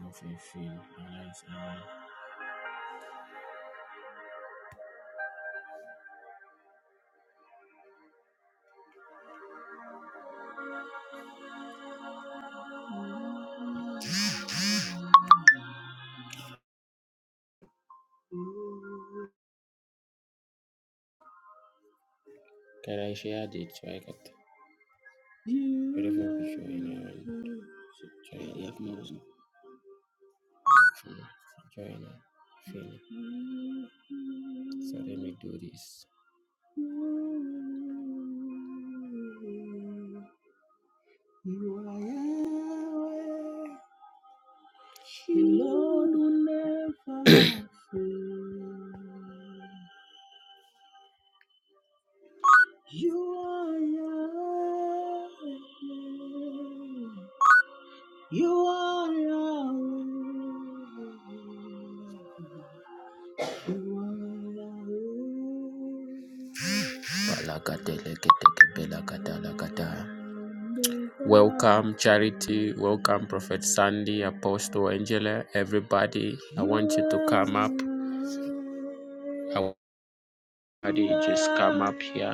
Mfifia, alright, Can I share the tricot? Try it now. Try Let me do this. Balakateleketeke Um, Charity, welcome Prophet Sandy, Apostle Angela, everybody. I want to hear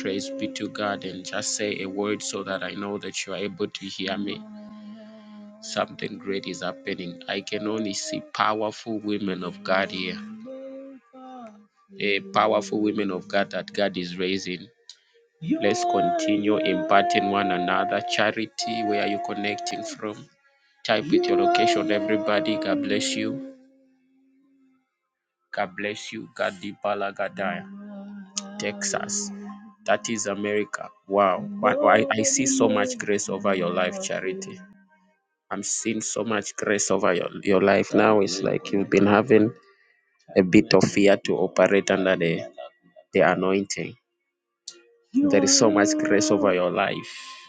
praise be to God and just say a word so that I know that you are able to hear me. Something great is happening. I can only see powerful women of God here. a powerful women of God that God is raising. another, charity, where you from. Type with your location, everybody. God bless you. God bless you. God Gadaya, Texas. That is America. Wow. I I see so much grace over your life, Charity. I'm seeing so much grace over your, your life now. It's like you've been having a bit of fear to operate under the, the anointing. So much grace over your life.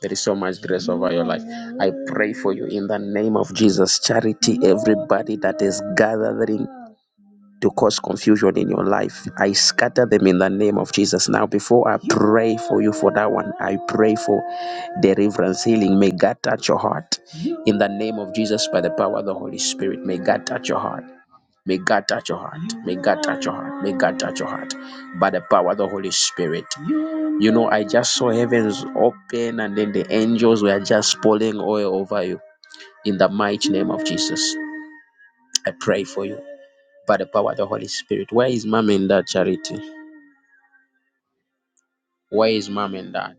There is so much grace over your life. I pray for you in the name of Jesus. Charity, everybody that is gathering to cause confusion in your life, I scatter them in the name of Jesus. Now, before I pray for you for that one, I pray for deliverance, healing. May God touch your heart in the name of Jesus by the power of the Holy Spirit. May God touch your heart. May God touch your heart. May God touch your heart. May God touch your heart by the power of the Holy Spirit. You know, I just saw heavens open and then the angels were just pouring oil over you. In the mighty name of Jesus, I pray for you by the power of the Holy Spirit. Where is mom and dad, Charity? Where is mom and dad?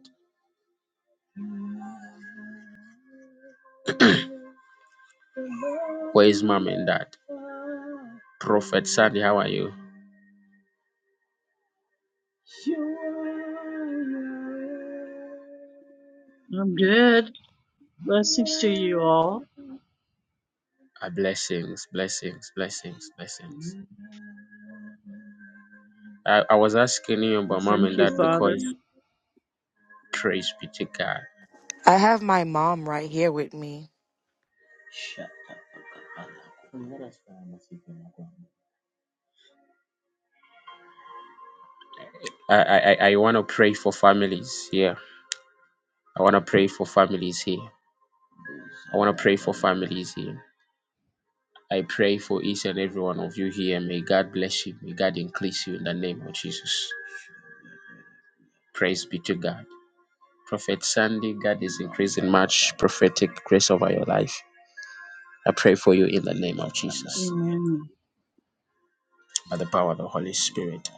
Where is mom and dad? Prophet Sandy, how are you? I'm good. Blessings to you all. Uh, blessings, blessings, blessings, blessings. I, I was asking you And about mom Thank and you, dad Father. because praise be to God. I have my mom right here with me. I, I, I I want to pray for families here. I want to pray for families here. I want to pray for families here. I pray for each and every one of you here. May God bless you. May God increase you in the name of Jesus. Praise be to God. Prophet Sandy, God is increasing much prophetic grace over your life. I pray for you in the name of Jesus Amen. by the power of the Holy Spirit.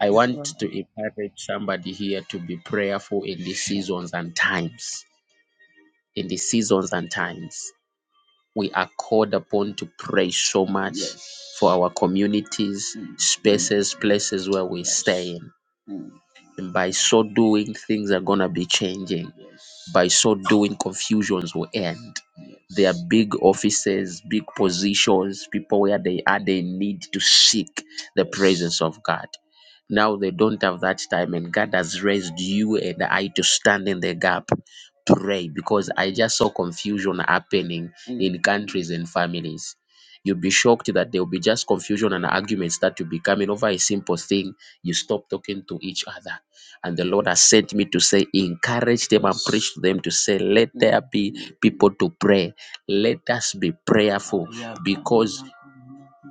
I you, want Father. to encourage somebody here to be prayerful in these seasons and times. In the seasons and times, we are called upon to pray so much Yes. for our communities, Mm. spaces, places where we stay in. And by so doing, things are going to be changing. By so doing, confusions will end. There are big offices, big positions, people where they are, they need to seek the presence of God. Now they don't have that time, and God has raised you and I to stand in the gap. Pray because I just saw confusion happening in countries and families. You'll be shocked that there'll be just confusion and arguments that will be coming over a simple thing. You stop talking to each other. And the Lord has sent me to say, encourage them and preach to them to say, let there be people to pray. Let us be prayerful because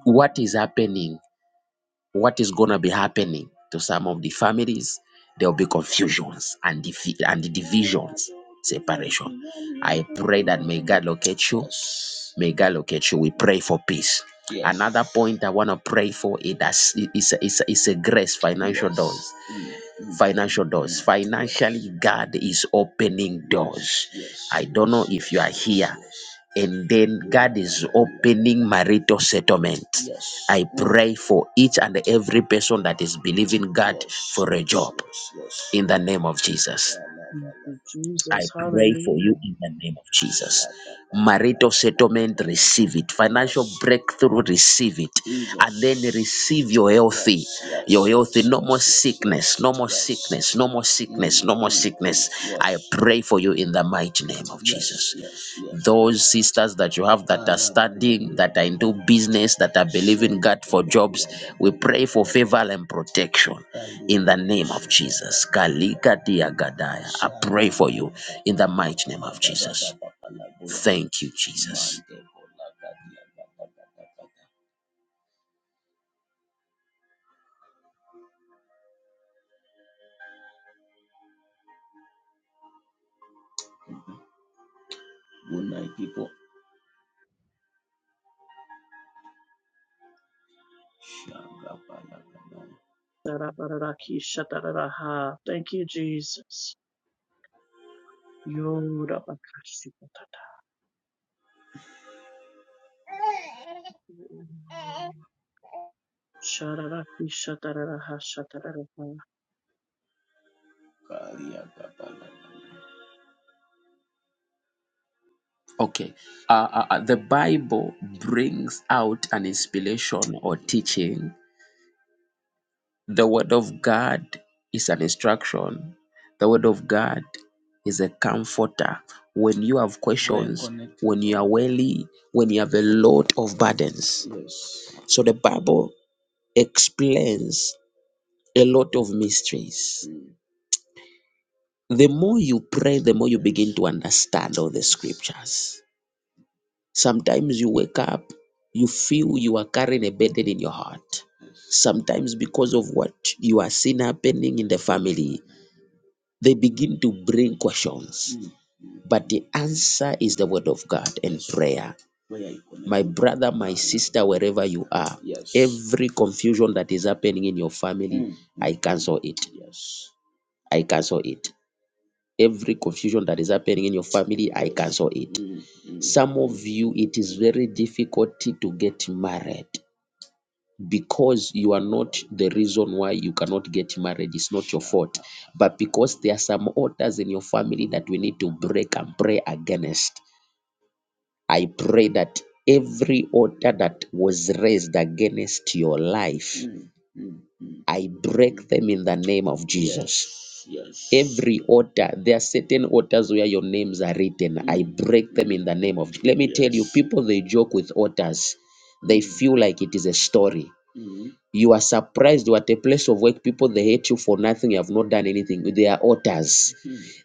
what is happening, what is going to be happening to some of the families, there'll be confusions and, divi- and divisions, separation. I pray that may God locate you May God locate you. We pray for peace. Another point I want to pray for it is that it's a, it's a, it's a grace, financial doors, financial doors. Financially, God is opening doors. I don't know if you are here, and then God is opening marital settlement. I pray for each and every person that is believing God for a job in the name of Jesus. Thank you, I Jesus. pray for Hallelujah. you in the name of Jesus. Marital settlement, receive it. Financial breakthrough, receive it. And then receive your healthy. Your healthy. No more sickness. No more sickness. No more sickness. No more sickness. I pray for you in the mighty name of Jesus. Those sisters that you have that are studying, that are into business, that are believing God for jobs, we pray for favor and protection in the name of Jesus. Kalika diagadaya. I pray for you in the mighty name of Jesus. Thank you, Jesus. Tarabaraki shatararaha. Thank you, Jesus. Yorabakashikatata. Shararaki shatararaha shatararaha. Okay, uh, uh, uh, the Bible brings out an inspiration or teaching. The Word of God is an instruction. The Word of God is a comforter. When you have questions, when you are weary, when you have a lot of burdens. So the Bible explains a lot of mysteries. The more you pray, the more you begin to understand all the scriptures. Sometimes you wake up, you feel you are carrying a burden in your heart. Sometimes, because of what you are seeing happening in the family, they begin to bring questions. But the answer is the word of God and prayer. My brother, my sister, wherever you are, every confusion that is happening in your family, I cancel it. I cancel it. Every confusion that is happening in your family, I cancel it Some of you, it is very difficult to get married because you are not the reason why you cannot get married. It's not your fault. But because there are some altars in your family that we need to break and pray against, I pray that every altar that was raised against your life, I break them in the name of Jesus. Every altar, there are certain altars where your names are written. I break them in the name of Jesus. Let me people they joke with otters they feel like it is a story you are surprised you are at a place of work people they hate you for nothing you have not done anything they are otters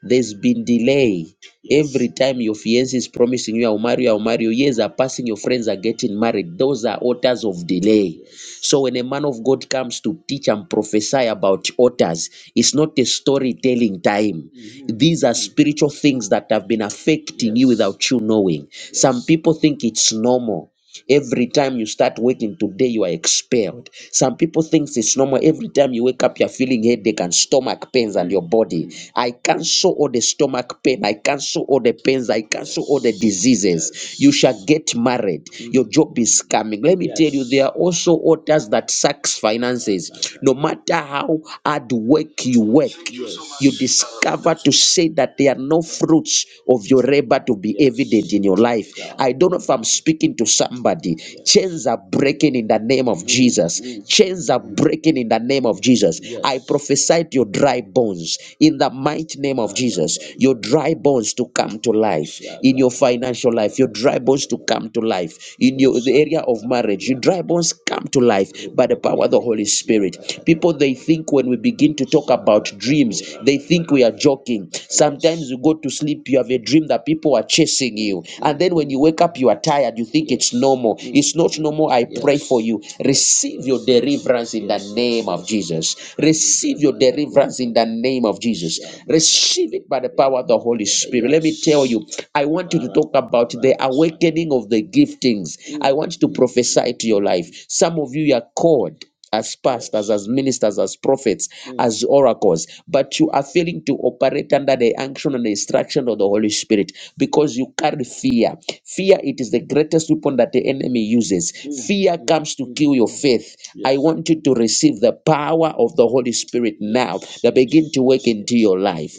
there's been delay. Every time your fiance is promising you, I'll marry you, I'll marry you, years are passing, your friends are getting married. Those are altars of delay. So when a man of God comes to teach and prophesy about altars, it's not a storytelling time. Mhm. These are spiritual things that have been affecting you Yes. without you knowing. Some Yes. people think it's normal. Every time you start working today, you are expelled. Some people think it's normal. Every time you wake up, you're feeling headache and stomach pains and your body. I cancel all the stomach pain. I cancel all the pains. I cancel all the diseases. You shall get married. Your job is coming. Let me tell you, Yes. there are also authors that sucks finances. No matter how hard work you work, you Yes. discover to say that there are no fruits of your labor to be evident Yes. in your life. I don't know if I'm speaking to somebody. Chains are breaking in the name of Mm, Jesus. mm, Chains are mm. breaking in the name of Jesus. I Yes. prophesy to your dry bones in the mighty name of Jesus. Your dry bones to come to life in your financial life, your dry bones to come to life. In your the area of marriage, your dry bones come to life by the power of the Holy Spirit. People they think when we begin to talk about dreams, they think we are joking. Sometimes you go to sleep, you have a dream that people are chasing you, and then when you wake up, you are tired. You think it's normal. It's not normal. I pray for you. Receive your deliverance in the name of Jesus. Receive your deliverance in the name name of Jesus. Receive it by the power of the Holy Spirit. Let me tell you, I want you to talk about the awakening of the giftings. I want you to prophesy to your life. Some of you are called as pastors, as ministers, as prophets, as oracles, but you are failing to operate under the unction and the instruction of the Holy Spirit because you carry fear. Fear, it is the greatest weapon that the enemy uses. Fear comes to kill your faith. I want you to receive the power of the Holy Spirit now that begin to work into your life.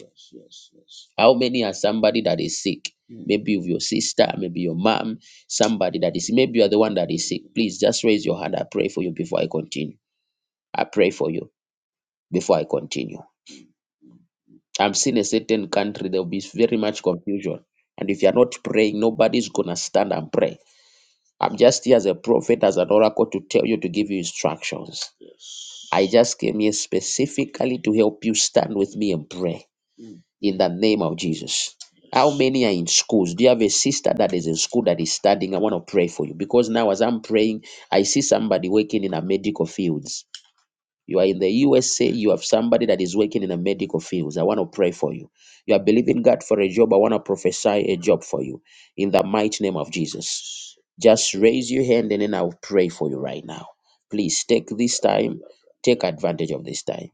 How many are somebody that is sick? Maybe of your sister, maybe your mom, somebody that is, maybe you are the one that is sick. Please just raise your hand. I pray for you before I continue. I pray for you before I continue. I'm seeing a certain country, there'll be very much confusion. And if you're not praying, nobody's going to stand and pray. I'm just here as a prophet, as an oracle to tell you, to give you instructions. I just came here specifically to help you stand with me and pray in the name of Jesus. How many are in schools? Do you have a sister that is in school that is studying? I want to pray for you because now, as I'm praying, I see somebody working in a medical fields. You are in the USA, you have somebody that is working in the medical fields. I want to pray for you. You are believing God for a job. I want to prophesy a job for you in the mighty name of Jesus. Just raise your hand and then I'll pray for you right now. Please take this time, take advantage of this time.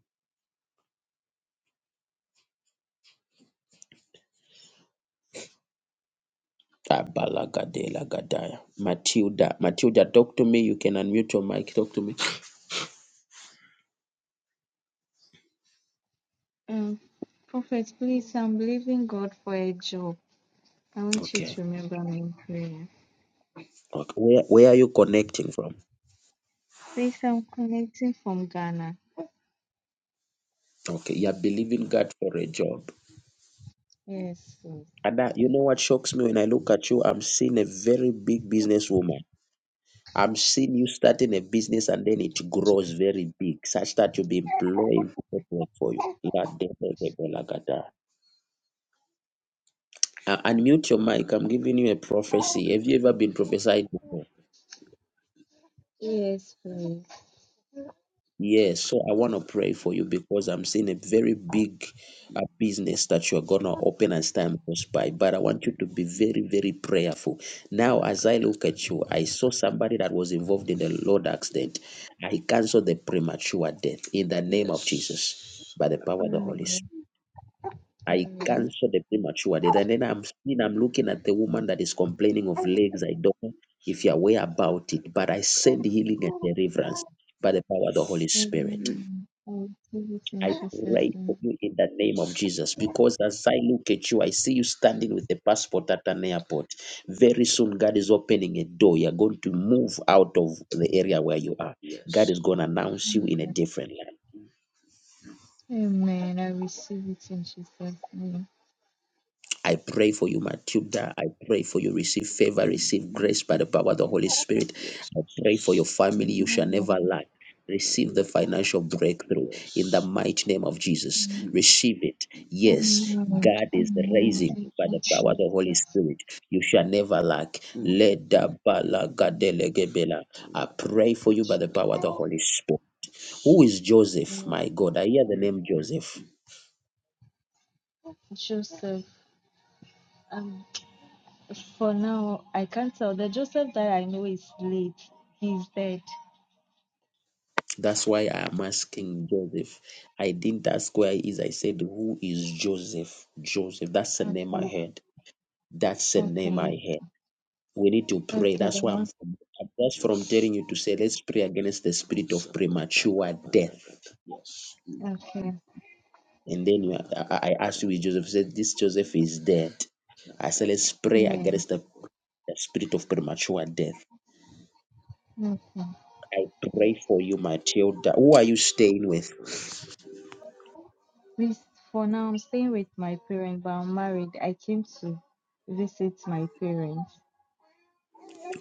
Abalagadela gadaya. Matilda, Matilda, talk to me. You can unmute your mic. Talk to me. Um, Prophet, please, I'm believing God for a job. I want you Okay. to remember me in prayer. Okay. Where Where are you connecting from? Please, I'm connecting from Ghana. Okay. You are believing God for a job. Yes, please. Ada, you know what shocks me when I look at you? I'm seeing a very big businesswoman. I'm seeing you starting a business and then it grows very big, such that you'll be employing people to work for you. La de- de- de- de- la gada. Uh, unmute your mic. I'm giving you a prophecy. Have you ever been prophesied? Yes, please. Yes, so I want to pray for you because I'm seeing a very big uh, business that you're going to open as time goes by. But I want you to be very, very prayerful. Now, as I look at you, I saw somebody that was involved in the Lord accident. I cancel the premature death in the name of Jesus by the power of the Holy Amen. Spirit. I Amen. cancel the premature death. And then I'm seeing, I'm looking at the woman that is complaining of legs. I don't know if you're aware about it, but I send healing and deliverance by the power of the Holy Spirit. Amen. I receive it in I Jesus' pray for name. you in the name of Jesus because as I look at you, I see you standing with a passport at an airport. Very soon, God is opening a door. You're going to move out of the area where you are. God is going to announce you in a different land. Amen. I receive it in Jesus' name. I pray for you, Matuda. I pray for you. Receive favor, receive grace by the power of the Holy Spirit. I pray for your family. You shall never Amen. lack. Receive the financial breakthrough in the mighty name of Jesus. Amen. Receive it. Yes, God is Amen. raising Thank you by you, the power of Jesus. the Holy Spirit. You shall never lack. Leda bala gadele I pray for you by the power of the Holy Spirit. Who is Joseph? Yes. My God, I hear the name Joseph. Joseph, I'm. For now, I can't tell. The Joseph that I know is late. He's dead. That's why I am asking Joseph. I didn't ask where he is. I said, Who is Joseph? Joseph. That's the name I Okay. heard. That's the name I Okay. heard. We need to pray. Okay. The That's why I'm one. from, that's from telling you to say, Let's pray against the spirit of premature death. Okay. And then you, I, I asked you, is Joseph You said, This Joseph is dead. I said, Let's pray Yeah. against the, the spirit of premature death. Okay. I pray for you, Matilda. Who are you staying with? Please, for now, I'm staying with my parents, but I'm married. I came to visit my parents.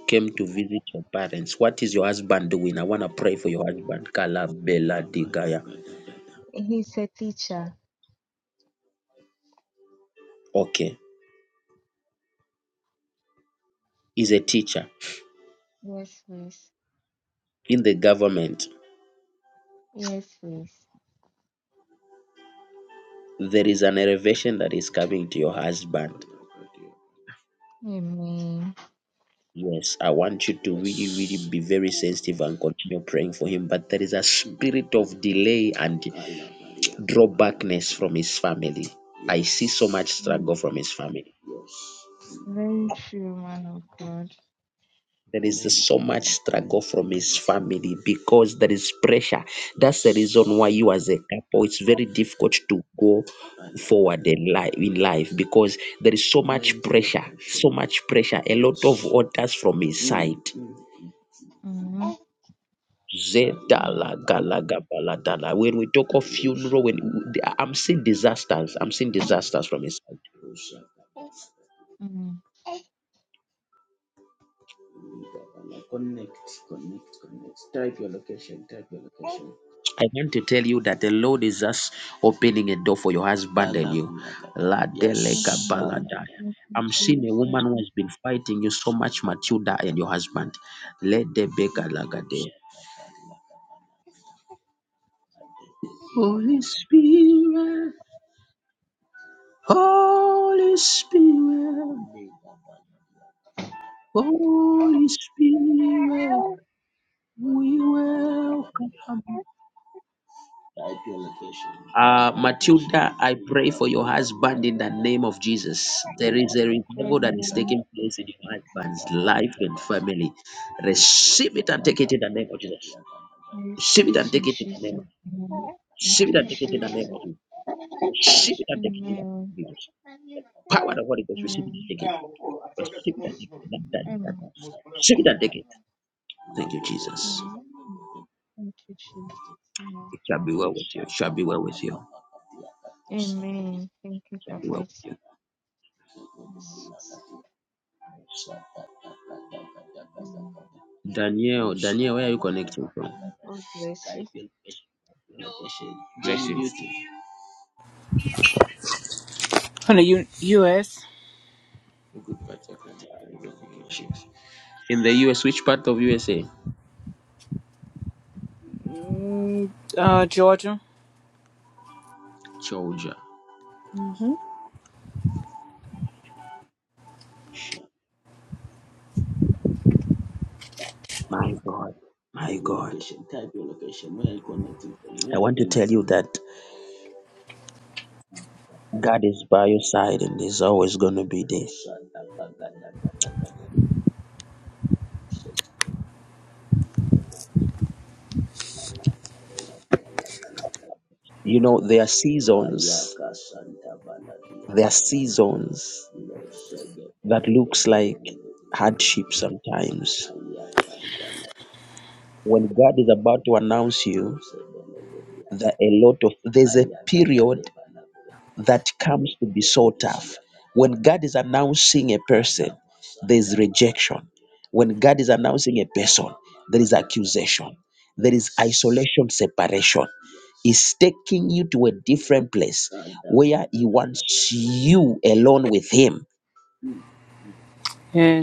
came to visit your parents. What is your husband doing? I want to pray for your husband. Kala Bela Digaya. He's a teacher. Okay. He's a teacher Yes, please. in the government. Yes, please. There is an elevation that is coming to your husband. Amen. Yes, I want you to really, really be very sensitive and continue praying for him. But there is a spirit of delay and drawbackness from his family. I see so much Yes, struggle from his family. Very true, man of God. there is so much struggle from his family because there is pressure. That's the reason why you, as a couple, it's very difficult to go forward in life, in life because there is so much pressure, so much pressure, a lot of orders from his side. Mm-hmm. Yeah. Zedala galaga baladala. When we talk of funeral, when I'm seeing disasters, I'm seeing disasters from his side. Mm-hmm. I want to tell you that the Lord is just opening a door for your husband. die. Yes, I'm seeing a Jesus. woman who has been fighting you so much, Matilda and your husband. Let the beggar lagade. Holy Spirit, Holy Spirit, Holy Spirit, we welcome. Uh, Matilda, I pray for your husband in the name of Jesus. There is a revival that is Amen. taking place in your husband's life and family. Receive it and Amen. take it in the name of Jesus. I Receive receive it it and in take it in the name of Jesus' name. Thank Receive that you, ticket in the name Jesus. of Jesus. Receive that ticket in Amen. the name of Jesus. Power of the Holy Ghost. Receive that Amen. ticket. Receive that ticket. That that that. the Amen. Receive that ticket. Thank you, Jesus. Amen. Thank you, Jesus. Amen. It shall be well with you. It shall be well with you. It Amen. Thank you, shall be well Prophet. with you. Amen. Daniel, Daniel, where are you connecting from? God bless you. From the U- U.S., Good part of Canada. In the US, which part of USA? Mm, uh, Georgia. Georgia. My God. My God. want to tell you that God is by your side and is always going to be there. You know, there are seasons. There are seasons that looks like hardship sometimes. When God is about to announce you that a lot of there's a period that comes to be so tough. When God is announcing a person, there's rejection. When God is announcing a person, there is accusation. There is isolation, separation. He's taking you to a different place where He wants you alone with Him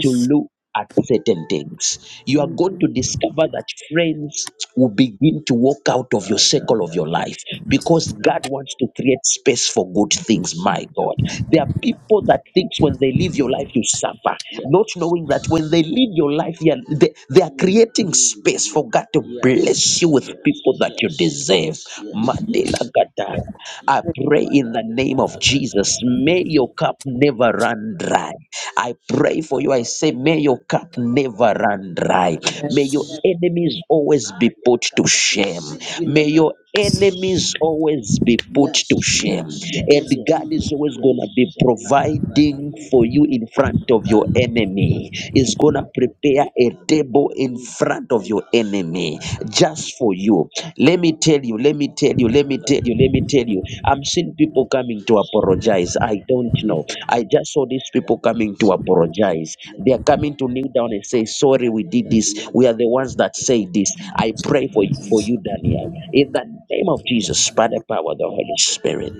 to look at certain things. You are going to discover that friends will begin to walk out of your circle of your life because God wants to create space for good things, my God. There are people that think when they leave your life, you suffer, not knowing that when they leave your life, they are, they, they are creating space for God to bless you with people that you deserve. Madela Gadaya. I pray in the name of Jesus, may your cup never run dry. I pray for you. I say, may your cup never run dry. May your enemies always be put to shame. May your enemies always be put to shame. And God is always going to be providing for you in front of your enemy. Is going to prepare a table in front of your enemy me just for you. Let me tell you, let me tell you, let me tell you, let me tell you. I'm seeing people coming to apologize. I don't know. I just saw these people coming to apologize. They are coming to kneel down and say, Sorry, we did this. We are the ones that say this. I pray for you, for you, Daniel. In the name of Jesus, by the power of the Holy Spirit.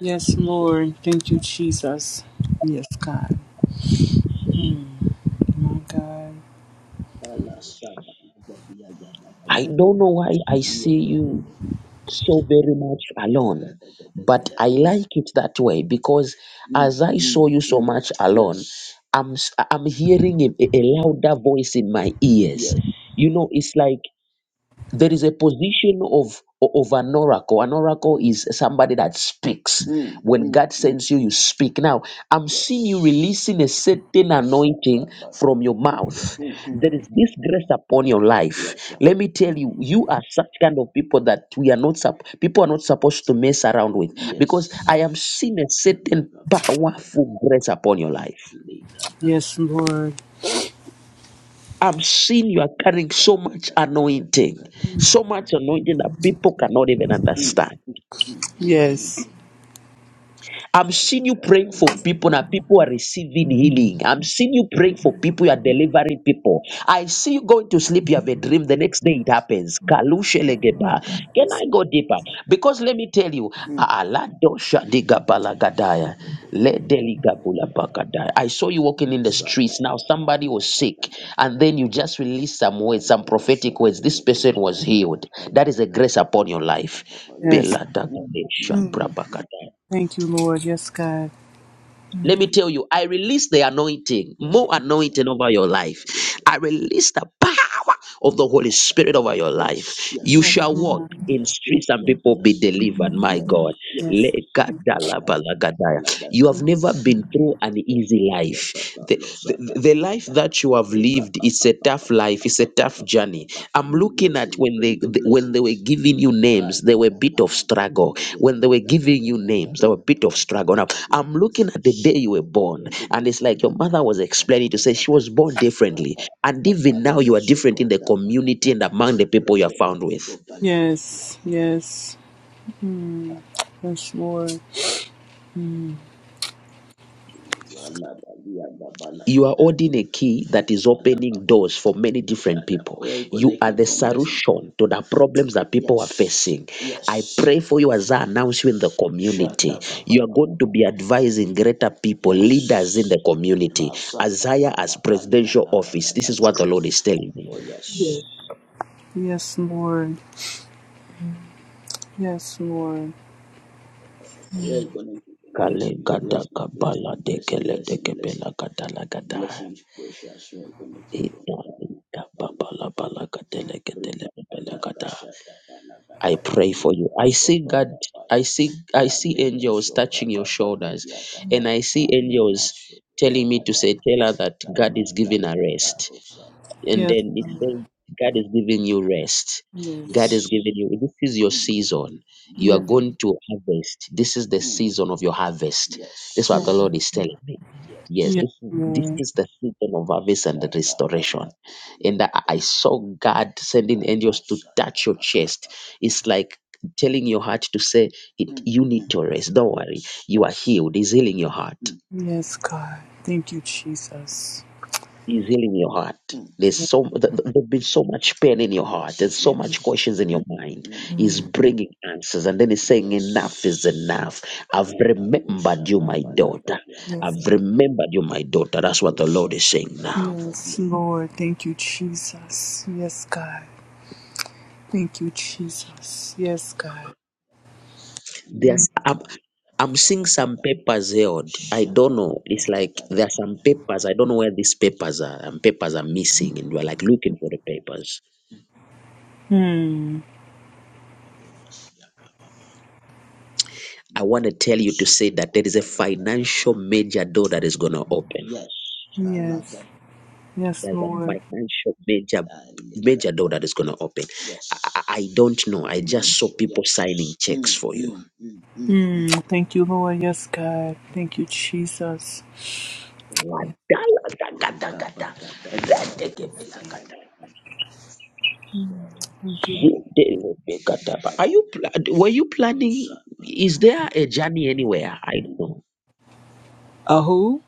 yes, Lord. Thank you, Jesus. Yes, God. My God. I don't know why I see you so very much alone. But I like it that way because as I saw you so much alone, I'm s- I'm hearing a, a louder voice in my ear. You know, it's like there is a position of of an oracle. An oracle is somebody that speaks. When God sends you, you speak. Now I'm seeing you releasing a certain anointing from your mouth there is this grace upon your life. Let me tell you, you are such kind of people that we are not sup- people are not supposed to mess around with because Yes. I am seeing a certain powerful grace upon your life. Yes, Lord. I'm seeing you are carrying so much anointing, so much anointing that people cannot even understand. Yes, I'm seeing you praying for people now. People are receiving healing. I'm seeing you praying for people. You are delivering people. I see you going to sleep. You have a dream. The next day it happens. Kalushelegeba. Can I go deeper? Because let me tell you, Mm. Aladosha ledeligabulabakadaya. I saw you walking in the streets. Now somebody was sick, and then you just released some words, some prophetic words. This person was healed. That is a grace upon your life. Yes. yes. Beladagadesh, Mm. brabakadaya. Thank you, Lord. Yes, God. Let me tell you, I release the anointing, more anointing over your life. I release the power of the Holy Spirit over your life. You Yes. Yes, shall walk Lord. in streets and people be delivered, my Yes. God. Yes, Yes. Lekadalabalagadaya. You have Lord. never been through an easy life. The, the, the life that you have lived it's a tough life it's a tough journey i'm looking at when they th- when they were giving you names there were a bit of struggle when they were giving you names there were a bit of struggle now i'm looking at the day you were born and it's like your mother was explaining to say she was born differently and even now you are different in the community and among the people you are found with yes, yes. Mm. Yes, Lord. Mm. you are holding a key that is opening doors for many different people solution to the problems that people are facing. Pray for you as I announce you in the community. You are going to be advising greater people, leaders in the community, as high as presidential office. This is what the Lord is telling me. Yes, Lord. Yes, Lord. Kepela katala kata. Ita ita papala pala katele ketele pepele kata. I pray for you. I see God. I see. I see angels touching your shoulders, and I see angels telling me to say, "Tell her that God is giving her rest." And Yes, then it says, "God is giving you rest." yes, given you this is your season you are yes, going to harvest this is the season of your harvest this is what yes, the lord is telling me yes yes, this is, this Lord. is the season of harvest and the restoration and i I saw god sending angels to touch your chest it's like telling your heart to say it you need to rest don't worry you are healed he's healing your heart Yes, God. Thank you, Jesus. he's healing your heart There's so th- th- there's been so much pain in your heart. There's so much Yes. questions in your mind. He's Mm, bringing answers, and then he's saying, "Enough is enough. I've remembered you, my daughter. Yes, I've remembered you, my daughter." That's what the Lord is saying now. yes, Lord. Thank you, Jesus. Yes, God. Thank you, Jesus. Yes, God. Mm. There's I'm, I'm seeing some papers held. I don't know. It's like there are some papers. I don't know where these papers are. And papers are missing, and we're like looking for the papers. Mm, I want to tell you to say that there is a financial major door that is gonna open Yes, yes, There's a Lord. financial major major door that is going to open. I, I don't know. I just saw people signing check. Mm. Thank you, Lord. Yes, God. Thank you, Jesus. Are Thank you. you pla- were you planning? Is there a journey anywhere? I don't know. A who?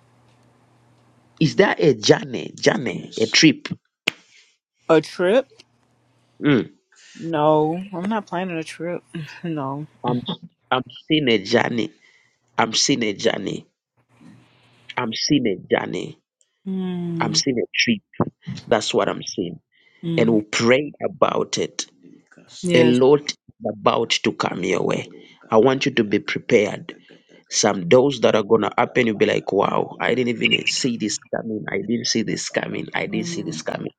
Is there a journey journey trip? A trip? Mm. No, I'm not planning a trip. no. I'm I'm seeing a journey. I'm seeing a journey. I'm seeing a journey. I'm Mm. seeing a trip. That's what I'm seeing. And Mm. we'll pray about it. a Yes. lot is about to come your way. I want you to be prepared. Some doors that are gonna happen, you'll be like, wow, I didn't even see this coming. I didn't see this coming. I didn't see this Mm. coming.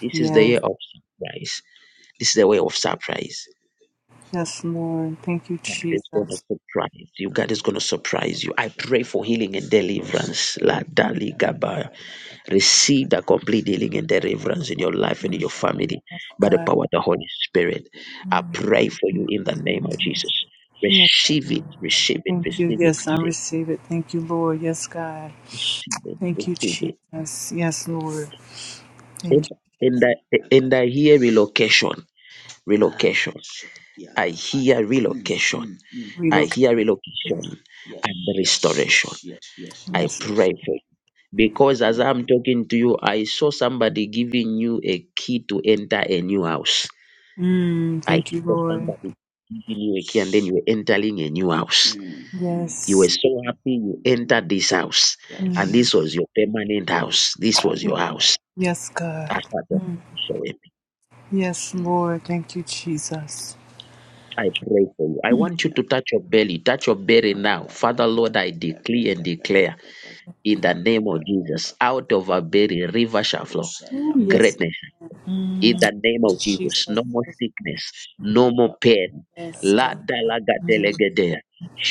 This is the Yes. year of surprise. This is the way of surprise. Yes, Lord. Thank you, God is gonna Jesus. surprise you. God is gonna surprise you. I pray for healing and deliverance. La Dali Gaba. Receive that complete healing and deliverance in your life and in your family Yes, by the God. power of the Holy Spirit. I pray for you in the name of Jesus. Yes, Receive it, receive it, Thank you. receive it, Yes, I receive it, receive it. Thank you, Lord. Yes, God. receive it, Thank you, receive it. Jesus. Yes, Lord. And Thank you, and Jesus. I, and I hear relocation. Relo- I hear relo- I Relocate. hear relocation. Yes. Pray for you. Because as I'm talking to you, I saw somebody giving you a key to enter a new house. Mm, I thank you, saw Lord. somebody giving you a key and then you were entering a new house You were Yes. so happy you entered this house. Mm, This was your permanent house. This was your house. yes, God. After the Mm, showing. yes, Lord. Thank you, Jesus. I pray for you. I Mm, want you to touch your belly, touch your belly now. Father Lord, I decree and declare thank in the you. name of Jesus, out of our belly, river shall flow. Ooh, yes. Greatness in Mm, thank the name of you, Jesus. Jesus. No more Yes, sickness, no more pain. yes, La God. da la ga de le Mm, ge de.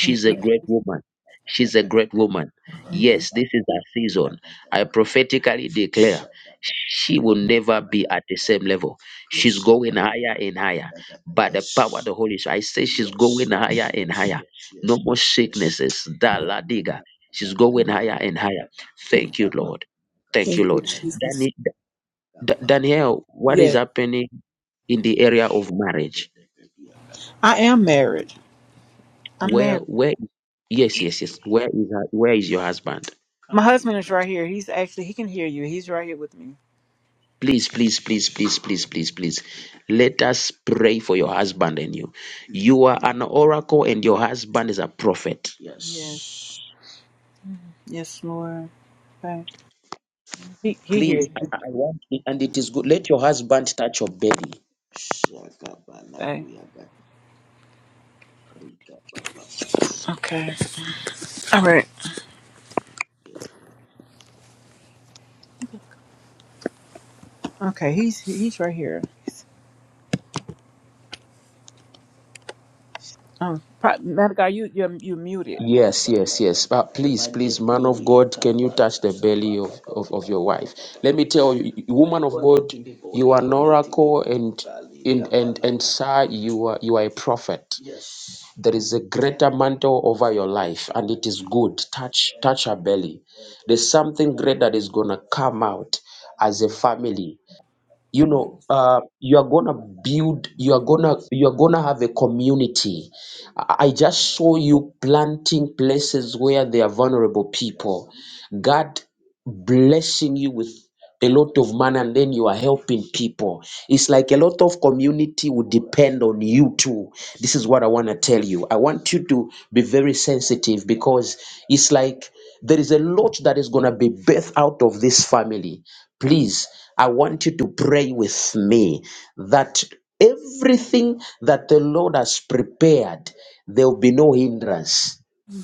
thank a you. great woman. She's a great woman. Thank you. Yes, this is her season. prophetically She will never be at the same level. She's going higher and higher. The Holy Spirit, I say, all sicknesses, da Yes, la diga. She's going higher and higher. yes. Thank Lord. Thank you, Jesus. Dani- Da- Danielle, what is Yes. happening in the area of marriage? I am married. I'm married. Where, where? Yes, yes, yes. Where is her, where is your husband? My husband is right here. He's actually he can hear you. He's right here with me. Please, please, please, please, please, please, please. Let us pray for your husband and you. You are an oracle, and your husband is a prophet Yes. Yes, Lord. Okay. He he Please, hears I, you. I want it, and it is good. Let your husband touch your belly. Okay. Okay. All right. Okay. He's he's right here. Oh, pro- matter of God, you you you muted. Yes, yes, yes. But please, please, man of God, can you touch the belly of, of, of your wife? Let me tell you, woman of God, you are an oracle and and and, and sir, you are you are a prophet. There is a greater mantle over your life, and it is good. Touch touch her belly. There's something great that is gonna come out as a family. you Yes. know uh, you are gonna build you are gonna you are gonna have a community i I just saw you planting places where there are vulnerable people god blessing you with a lot of money and then you are helping people. It's like a lot of community would depend on you too. This is what I want to tell you. I want you to be very sensitive because it's like there is a lot that is going to be birthed out of this family. Please, I want you to pray with me that everything that the Lord has prepared, there will be no hindrance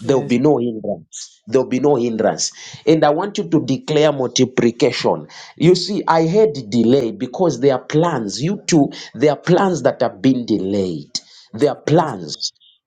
There'll Yes. be no hindrance. There'll be no hindrance. And I want you to declare multiplication. You see, I had delay because there are plans. You two, there are plans that have been delayed. There are Yes. plans.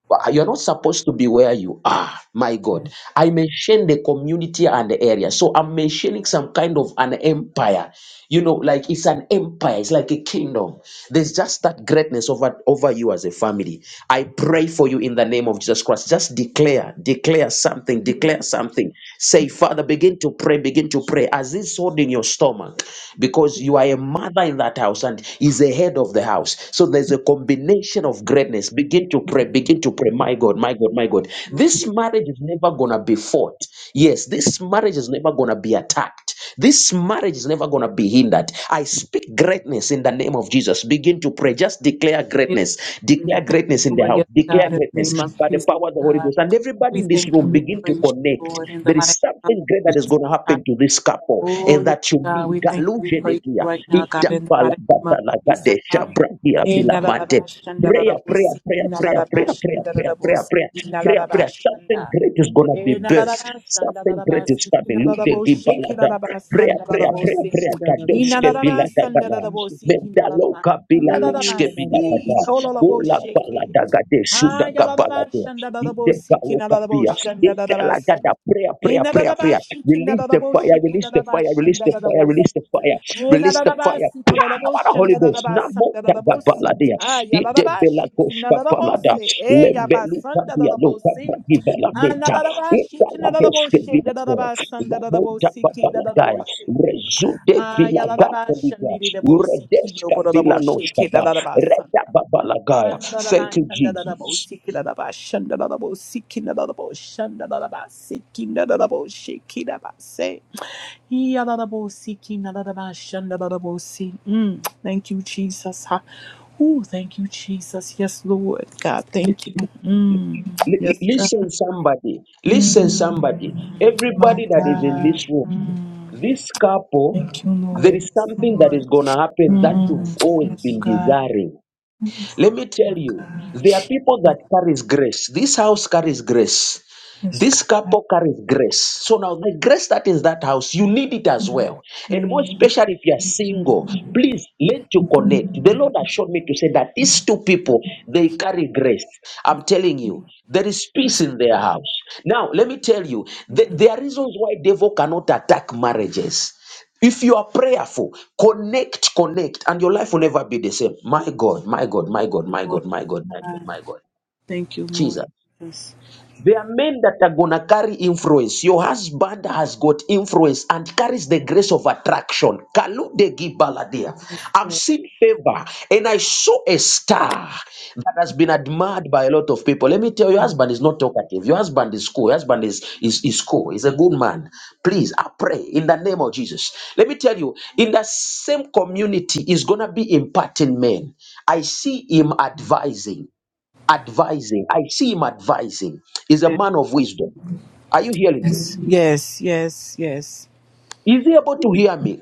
But You're not supposed to be where you are. My Yes. God. I mentioned the community and the area. So I'm mentioning some kind of an empire. You know, like it's an empire, it's like a kingdom. There's just that greatness over, over you as a family. I pray for you in the name of Jesus Christ. Just declare, declare something, Yes. declare something. Say, Father, begin to pray, begin to pray as it's sword in your stomach, because you are a mother in that house and is the head of the house. So there's a combination of greatness this. Begin to pray. Begin to pray. My God, my God, my God. Lord, This yes. marriage is never going to be fought. Yes, this marriage is never going to be attacked. This marriage is never going to be hindered. I speak greatness in the name of Jesus. Begin to pray. Just declare It- greatness. and to Declare Thank greatness you, in the Lord. house. Yes, God, Declare in the greatness name of by the Jesus, power of the Holy God, Ghost. And everybody we in this thank you. room, We begin to praise you, connect. Lord, in the There is mighty name of something great that is going to Jesus. happen to this couple Oh, and yes, that you God, need. we thank you. We Galuje de praise you dia. right now, God, Ita in the pala mighty name bata of la Jesus. gade Amen. shabra dia vila mante. Prayer, prayer, Inalalabashandalalabosi, prayer, prayer, prayer, inalalabash- prayer, prayer, prayer, inalalabosi, prayer, prayer, prayer. Something inalalabashanda. great is gonna Eh, be na, da da birth. na, shan, da, da, Something da, ba, great si, is ki, na, coming. da, Look, da, they bo, give she, ki, da, balada. da, ba, san, Prayer, da, da, da, prayer, bo, prayer, si. prayer. Rabakasi I, na, da, Kadoske da, ba, bila san, rarararabarabakashata. da, da, dagala. da, Thank bo, you, si, ki, Jesus. na, da, da, ba, Mendaloka san bila da, da, da, Ooh, ba, naske bila si, rabarabaki i dada. ko, la, la, bo, Ola shatararaha. she, ki. balada gade Ha, suda ya, la, da, ba, gabalado. shan, da, da, da, bo, Ide si, ki, na, baloka da, da, bo, bia. shan, da, da, da, ba, Idala si. gada. Prayer, Eh, prayer, na, da, prayer, da, ba, prayer. shi, ki, na, da, Release da, the bo, she, fire. ki, da, Release da, the ba, fire. shan, Release da, the da, da, fire. bo, si. Release the fire. Release the fire Nenadadabasi, by the kololobosha, Holy Ghost. nadadabasa, Namo nadadabosi. tagabaladia. Ah, yaladabashi, Idebelakoska palada. kinadadabose. Eh, yabasa, Lebeluka dialoka nadadabosi. Ah, bragivalamenta. nadadabashi, Italadeske kinadadaboshe, bilako. nadadabasa, Lamonta nadadabosi, babaladaya. kinadadaboshe. Rezude Ah, yaladabasha, bilagapeliga. ndididabosi, Uredeska kinobododaboshe, bilanoska ba. kinadadabasa. Reta Ah, babalagaya. Thank you, nadadabasha, Jesus. nadadabosi, kinadadabasha, nadadabosi, kinadadabosha, nadadabasi, kinadadaboshe, kinadabase. Yadadabosi, kinadadabashan, dadadabosi. Mm, Thank you, Jesus. Ha- Ooh, thank you, Jesus. Yes, Lord. God, thank you. Mm, L- l- Yes, God. listen, somebody. Listen, Mm, somebody. My Everybody that is in God. this room, this couple Thank you, There Lord. is Yes, something that Lord. is going to happen that Mm, you've always Yes, been God. desiring. Let me My tell you, God. there are people that carries grace. This house carries grace. Yes, This God. couple carries grace. So now the grace that is that house, you need it as well. And more Mm, especially if you're single, please learn to connect. The Lord has shown me to say that these two people, they carry grace. I'm telling you, there is peace Yes, in their house. Now, let me tell you, th- there are reasons why devil cannot attack marriages. If you are prayerful, connect, connect, and your life will never be the same. My God, my God, my God, my Lord. God, my God, my God, God. my God. Thank you, Lord. Jesus. Jesus. There are men that are gonna carry influence. Your husband has got influence and carries the grace of attraction. Kalude gibaladia. Yes, I've God. seen favor and I saw a star that has been admired by a lot of people. Let me tell you, your Mm, husband is not talkative. Your husband is cool. Your husband is, is, is cool. He's a good man. Please, I pray in the name of Jesus. Let me tell you, in the same community, is gonna be imparting men. I see him advising advising. I see him advising. He's a man of wisdom. Are you hearing Yes, me? yes, yes. yes. Is he able to hear me?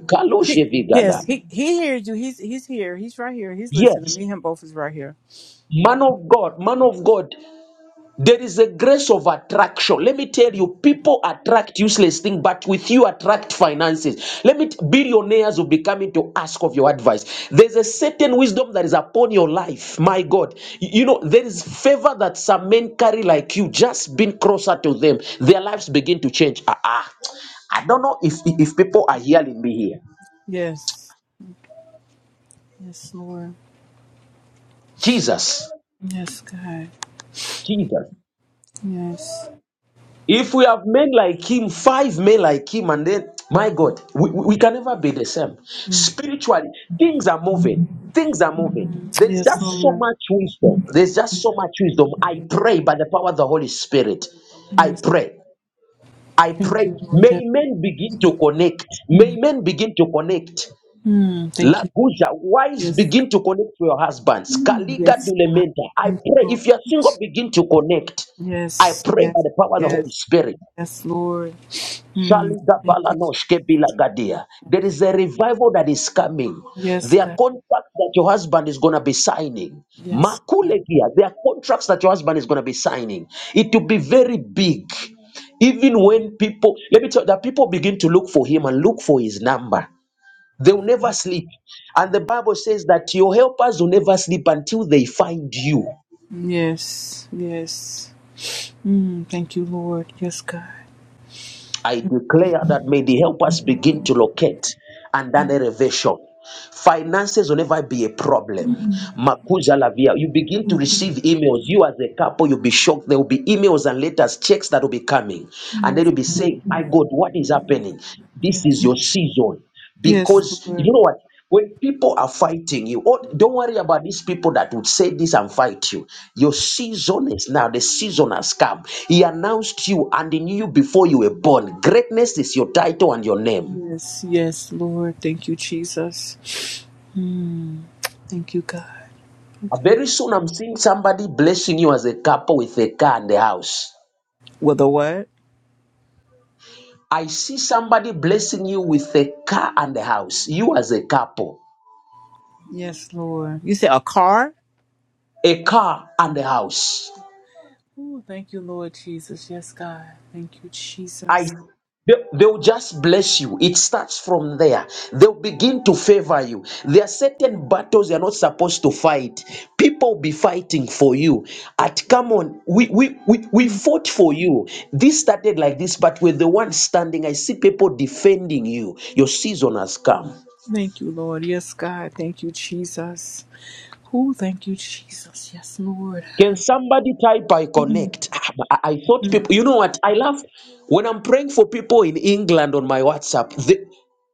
He, Kaloshevigala. yes, he he hears you. He's he's here. He's right here. He's listening. Yes. Me and him both is right here. Man of God, man of God There is a grace of attraction. Let me tell you, people attract useless things, but with you attract finances. Let me t- billionaires will be coming to ask of your advice. There's a certain wisdom that is upon your life. My God, Y- you know there is favor that some men carry like you. Just being closer to them, their lives begin to change. Ah, ah. I don't know if if people are hearing me here. Yes. Yes, Lord. Jesus, Yes, God. Jesus. Yes. If we have men like him, five men like him, and then, my God, we, we we can never be the same. Mm. Spiritually, things are moving. Things are moving. There's Yes, just so Lord. much wisdom. There's just so much wisdom. I pray by the power of the Holy Spirit. I Yes. pray. I Thank pray. you, Lord. Yes. May men begin to connect. May Mm. men begin to connect. Mm. Thank you. Laguja, wives Yes. begin to connect to your husbands. Kaliga Yes, God. dulementa. I Thank you, pray Lord. if you're single, begin to connect. I Yes. pray by Yes. the power of the Holy Yes. Spirit. Yes, Lord. Mm. Thank you. Shaligabalanoshke bilagadia. There is a revival that is coming. Yes, There are God. contracts that your husband is going to be signing. Yes, God. Makulegia. There are contracts that your husband is going to be signing. It will be very big. Even when people, let me tell you, that people begin to look for him and look for his number. They will never sleep. And the Bible says that your helpers will never sleep until they find you. Yes. Yes. Mm. Thank you, Lord. Yes, God. I declare that may the helpers begin to locate under the revelation. Finances will never be a problem. Mm. Makuza Lavia, you begin to Mm. receive emails. You as a couple, you'll be shocked. There will be emails and letters, checks that will be coming. And then Yes, you'll be God. saying, My God, what is happening? This is your season Yes, because Lord. you know what when people are fighting you oh, don't worry about these people that would say this and fight you your season is now the season has come he announced you and he knew you before you were born greatness is your title and your name Yes, yes, Lord. Thank you, Jesus. Hmm. Thank you, God. Uh, very soon i'm seeing somebody blessing you as a couple with a car and a house With a what? i see somebody blessing you with a car and a house you as a couple Yes, Lord. You said a car? a car and a house Ooh, thank you, Lord Jesus. Yes, God. Thank you, I Jesus. they, they'll just bless you. It starts from there. They'll begin to favor you. There are certain battles you're not supposed to fight. People be fighting for you. At come on, we we, we we Mm. fought for you. This started like this, but we're the one standing. I see people defending you. Your season has come. Thank you, Lord. Yes, God. Thank you, Jesus. Ooh, thank you, Jesus. Yes, Lord. Can somebody type I Mm, connect? Ah, but I, I thought mm, people, you know what? I love when I'm praying for people in England on my WhatsApp. They,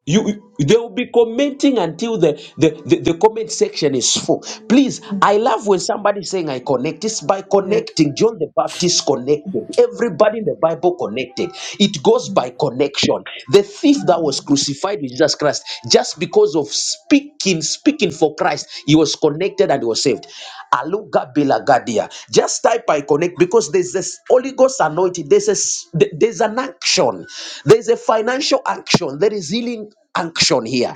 you, you- they will be commenting until the, the, the, the comment section is full. Please, mm. I love when somebody's saying I connect. It's by Yes. connecting. John the Baptist connected. Everybody in the Bible connected. It goes Mm, by connection. The thief mm, that was mm. crucified with Jesus Christ. Christ. Just because of speaking, speaking for Christ, he was connected and he was saved. Aluga Bilagadia. Just type I connect because there's this Holy Ghost anointing. There's a, s- th- there's an action. There's a financial action. There is healing action here.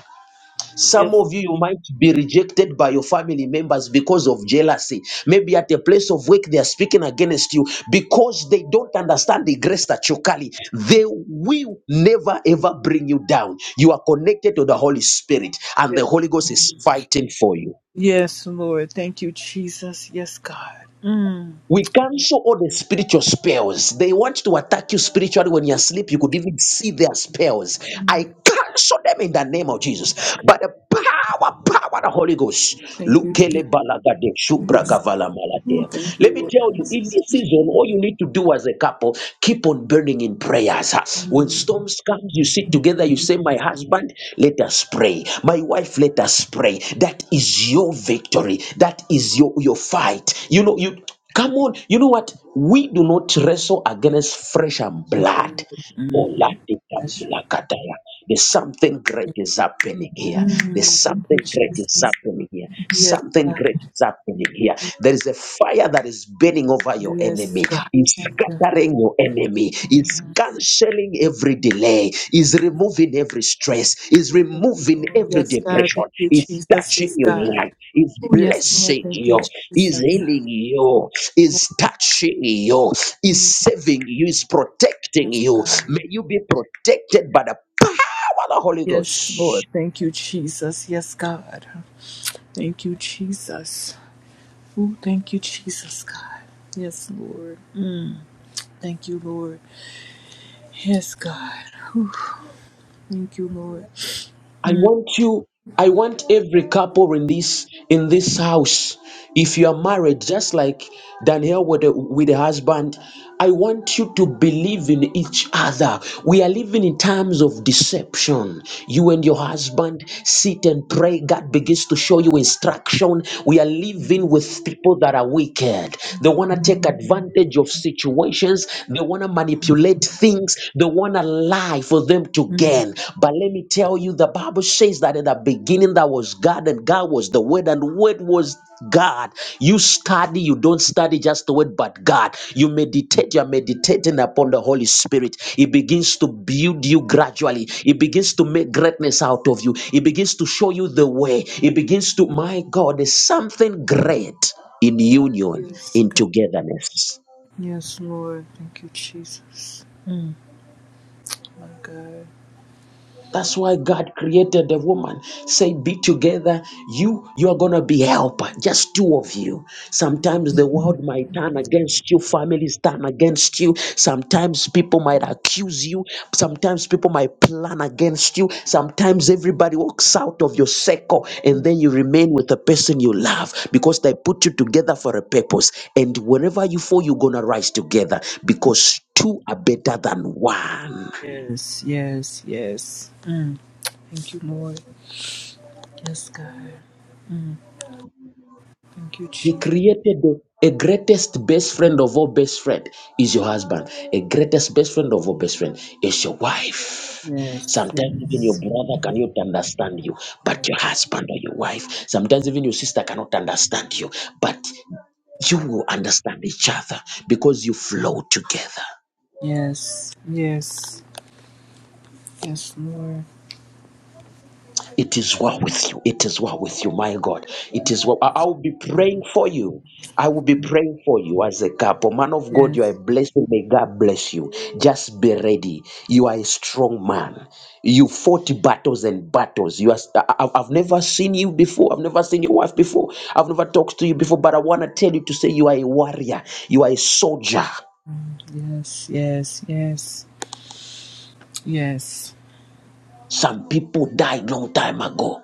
Some Yes. of you, you might be rejected by your family members because of jealousy. Maybe at a place of work, they are speaking against you because they don't understand the grace that you carry. They will never ever bring you down. You are connected to the Holy Spirit, and Yes. the Holy Ghost is fighting for you. Yes, Lord. Thank you, Jesus. Yes, God. Mm. We cancel all the spiritual spells. They want to attack you spiritually when you're asleep. You could even see their spells. I cancel them in the name of Jesus. by the power, power, of the Holy Ghost. Thank you, Lukele balagade, Jesus. shubragavala Oh, malade. thank you, Let me Lord tell you, in Jesus. this season, all you need to do as a couple, keep on burning in prayers. When Mm, storms come, you sit together, you say, My husband, let us pray. My wife, let us pray. That is your victory. That is your, your fight. You know, you Come on. You know what? We do not wrestle against flesh and thank blood. you, Lord Oh, la di da bi Jesus. la ka da ya. There's something great is happening here. There's Mm, thank something you, great is Jesus. happening here. Yes, Something God. great is happening here. There is a fire that is burning over your Yes, enemy. God. It's Thank you. scattering your enemy. It's Mm, canceling every delay. It's removing every stress. It's removing oh, every yes, God. depression. Thank you, It's Jesus. touching Yes, your God. life. It's Oh, yes, Lord. blessing Thank you, you. It's Jesus. healing you Yes, is touching you, mm, is saving you, is protecting yes, you. God. May you be protected by the power of the Holy Yes, Lord. Ghost. Thank you, Jesus. Yes, God. Thank you, Jesus. Oh, thank you, Jesus, God. Yes, Lord. Mm, thank you, Lord. Yes, God. Whew. Thank you, Lord. I Mm, want you, I want every couple in this in this house, if you are married, just like Daniel with the husband, I want you to believe in each other. We are living in times of deception You and your husband sit and pray. God begins to show you instruction. We are living with people that are wicked. They want to take advantage of situations. They want to manipulate things. They want to lie for them to mm. gain. But let me tell you, the Bible says that in the beginning, there was God, and God was the Word, and word was God. You study, you don't study just the word, but God. You meditate, you are meditating upon the Holy Spirit. It begins to build you gradually, it begins to make greatness out of you, it begins to show you the way, it begins to, my God, there's something great in union, Yes. in God. togetherness. Yes, Lord. Thank you, Jesus. Mm, my God. That's why God created the woman. Say, be together. You, you are gonna be helper. Just two of you. Sometimes the world might turn against you. Families turn against you. Sometimes people might accuse you. Sometimes people might plan against you. Sometimes everybody walks out of your circle, and then you remain with the person you love because they put you together for a purpose. And whenever you fall, you're gonna rise together because two are better than one. Yes, yes, yes. Mm. Thank you, Lord. Yes, God. Mm. Thank you, He Jesus. created the, a greatest best friend of all best friend is your husband. A greatest best friend of all best friend is your wife. Yes, Sometimes even your yes, brother cannot understand you, but your husband or your wife. Sometimes even your sister cannot understand you, but you will understand each other because you flow together. yes, yes, yes, Lord. It is well with you. It is well with you, my God. It is well. I I will be praying for you. I will be praying for you as a couple. Man of God, you are a Yes, blessing. May God bless you. Just be ready. You are a strong man. You fought battles and battles. You are, I- I've I've never seen you before. I've never seen your wife before. I've never talked to you before. But I want to tell you to say you are a warrior. You are a soldier. yes, yes, yes, yes. Some people died long time ago.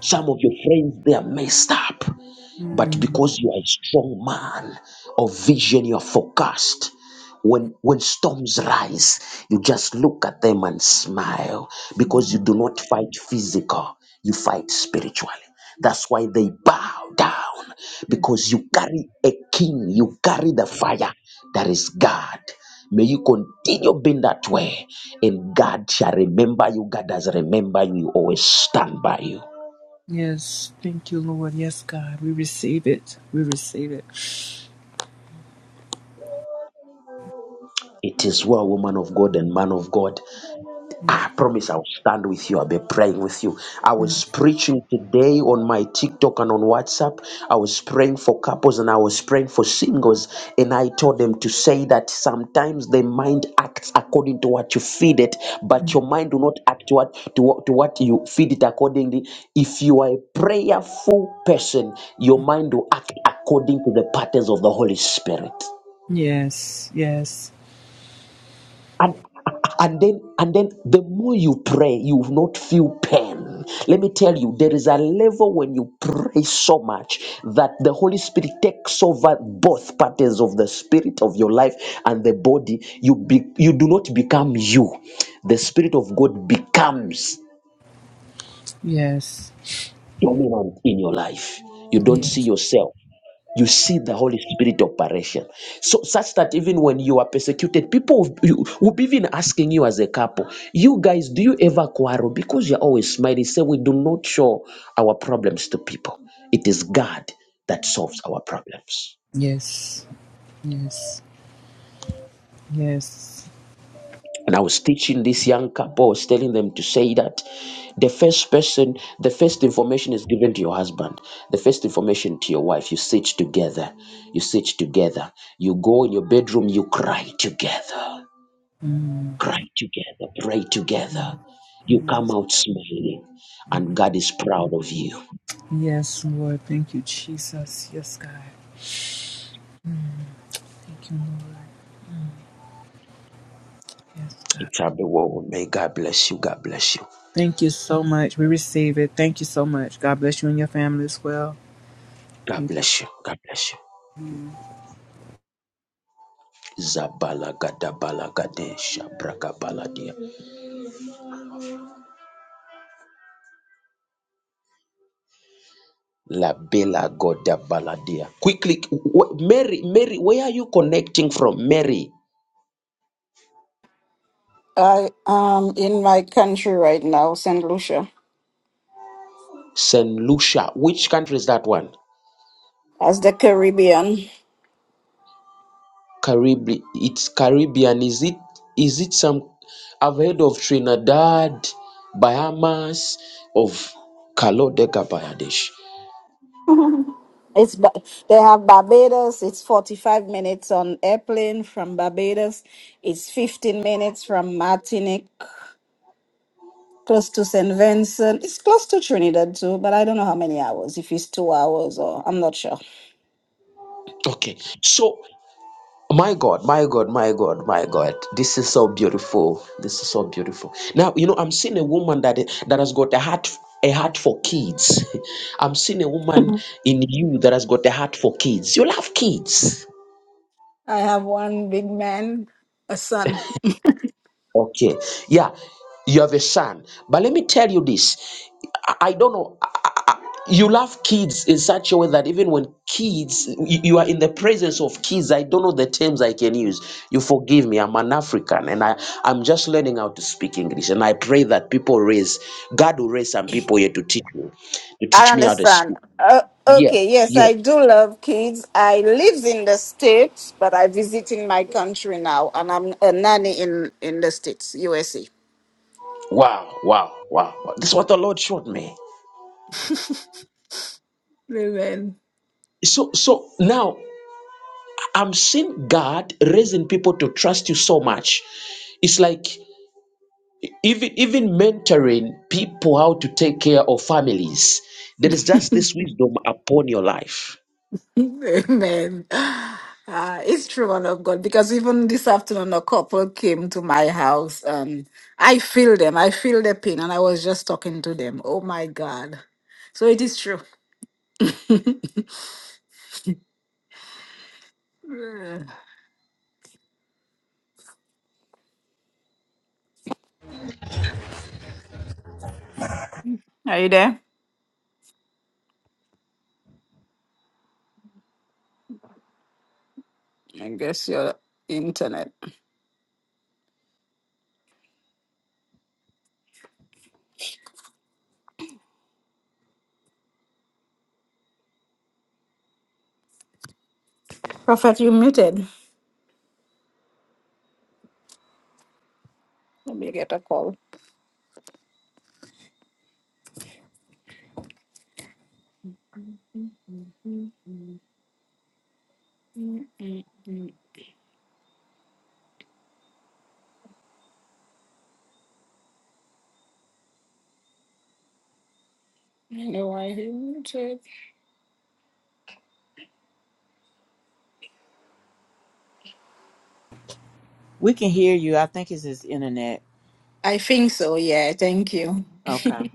Some of your friends, they are messed up. But Mm. because you are a strong man of vision, you are focused. When, when storms rise, you just look at them and smile because you do not fight physical, you fight spiritually. That's why they bow down because you carry a king, you carry the fire that is God. May you continue being that way, and God shall remember you. God has remembered you, He always stand by you. Yes, thank you, Lord. Yes, God. We receive it. We receive it. It is well, woman of God and man of God. I promise I'll stand with you. I'll be praying with you. I Mm. was preaching today on my TikTok and on WhatsApp. I was praying for couples and I was praying for singles. And I told them to say that sometimes the mind acts according to what you feed it, but your mind do not act to what to, what- to what you feed it accordingly. If you are a prayerful person, your mind will act according to the patterns of the Holy Spirit. Yes, yes, and and then and then the more you pray you will not feel pain let me tell you there is a level when you pray so much that the holy spirit takes over both parties of the spirit of your life and the body you be, you do not become you the spirit of god becomes yes, dominant in your life you don't see Yes. yourself you see the Holy Spirit operation. So such that even when you are persecuted, people will you- will be even asking you as a couple, you guys, do you ever quarrel? Because you're always smiling. Say we do not show our problems to people. It is God that solves our problems. yes, yes, yes. And I was teaching this young couple, I was telling them to say that the first person, the first information is given to your husband, the first information to your wife. You sit together, you sit together, you go in your bedroom, you cry together Mm. Cry together, pray together. Mm. You come Yes, out smiling, and God is proud of you. Yes, Lord. Thank you, Jesus. Yes, God. Thank you, Lord. Yes, God. It shall be well. May God bless you. God bless you. Thank you so much. We receive it. Thank you so much. God bless you and your family as well. God Thank you. bless you. God bless you. Zabala gada bala gade shabraga baladia la bela goda baladia. Quickly, wh- Mary, Mary, where are you connecting from? Mary, I am in my country right now, Saint Lucia. Saint Lucia. Which country is that one? That's the Caribbean. Caribbean. It's Caribbean. Is it? Is it some? I've heard of Trinidad, Bahamas, of Kalodeka Bayadesh. It's Ba- they have Barbados. It's forty-five minutes on airplane from Barbados. It's fifteen minutes from Martinique, close to Saint Vincent. It's close to Trinidad too, but I don't know how many hours. If it's two hours or I'm not sure. Okay. So, my God, my God, my God, my God, this is so beautiful. This is so beautiful. Now, you know, I'm seeing a woman that that has got a heart a heart for kids. I'm seeing a woman in you that has got a heart for kids. You love kids. I have one big man, a son. Okay. Yeah, you have a son. But let me tell you this. I, I don't know. I- I- I- you love kids in such a way that even when kids, you, you are in the presence of kids, I don't know the terms I can use. You forgive me. I'm an African and I, I'm just learning how to speak English. And I pray that people raise, God will raise some people here to teach me, to I teach me how to understand. speak. Uh, Yes, okay, yes, yes. I do love kids. I live in the States, but I visit in my country now, and I'm a nanny in, in the States, USA. Wow, wow, wow. wow. This is what the Lord showed me. Amen. So, so now I'm seeing God raising people to trust you so much. It's like even even mentoring people how to take care of families. There is just this wisdom upon your life. Amen. Uh, it's true, one of God, because even this afternoon, a couple came to my house and I feel them. I feel their pain, and I was just talking to them. Oh my God. So it is true. Are you there? I guess your internet. Prophet, you muted. Let me get a call. You know, I muted We can hear you. I think it's his internet. I think so, yeah. Thank you. Okay.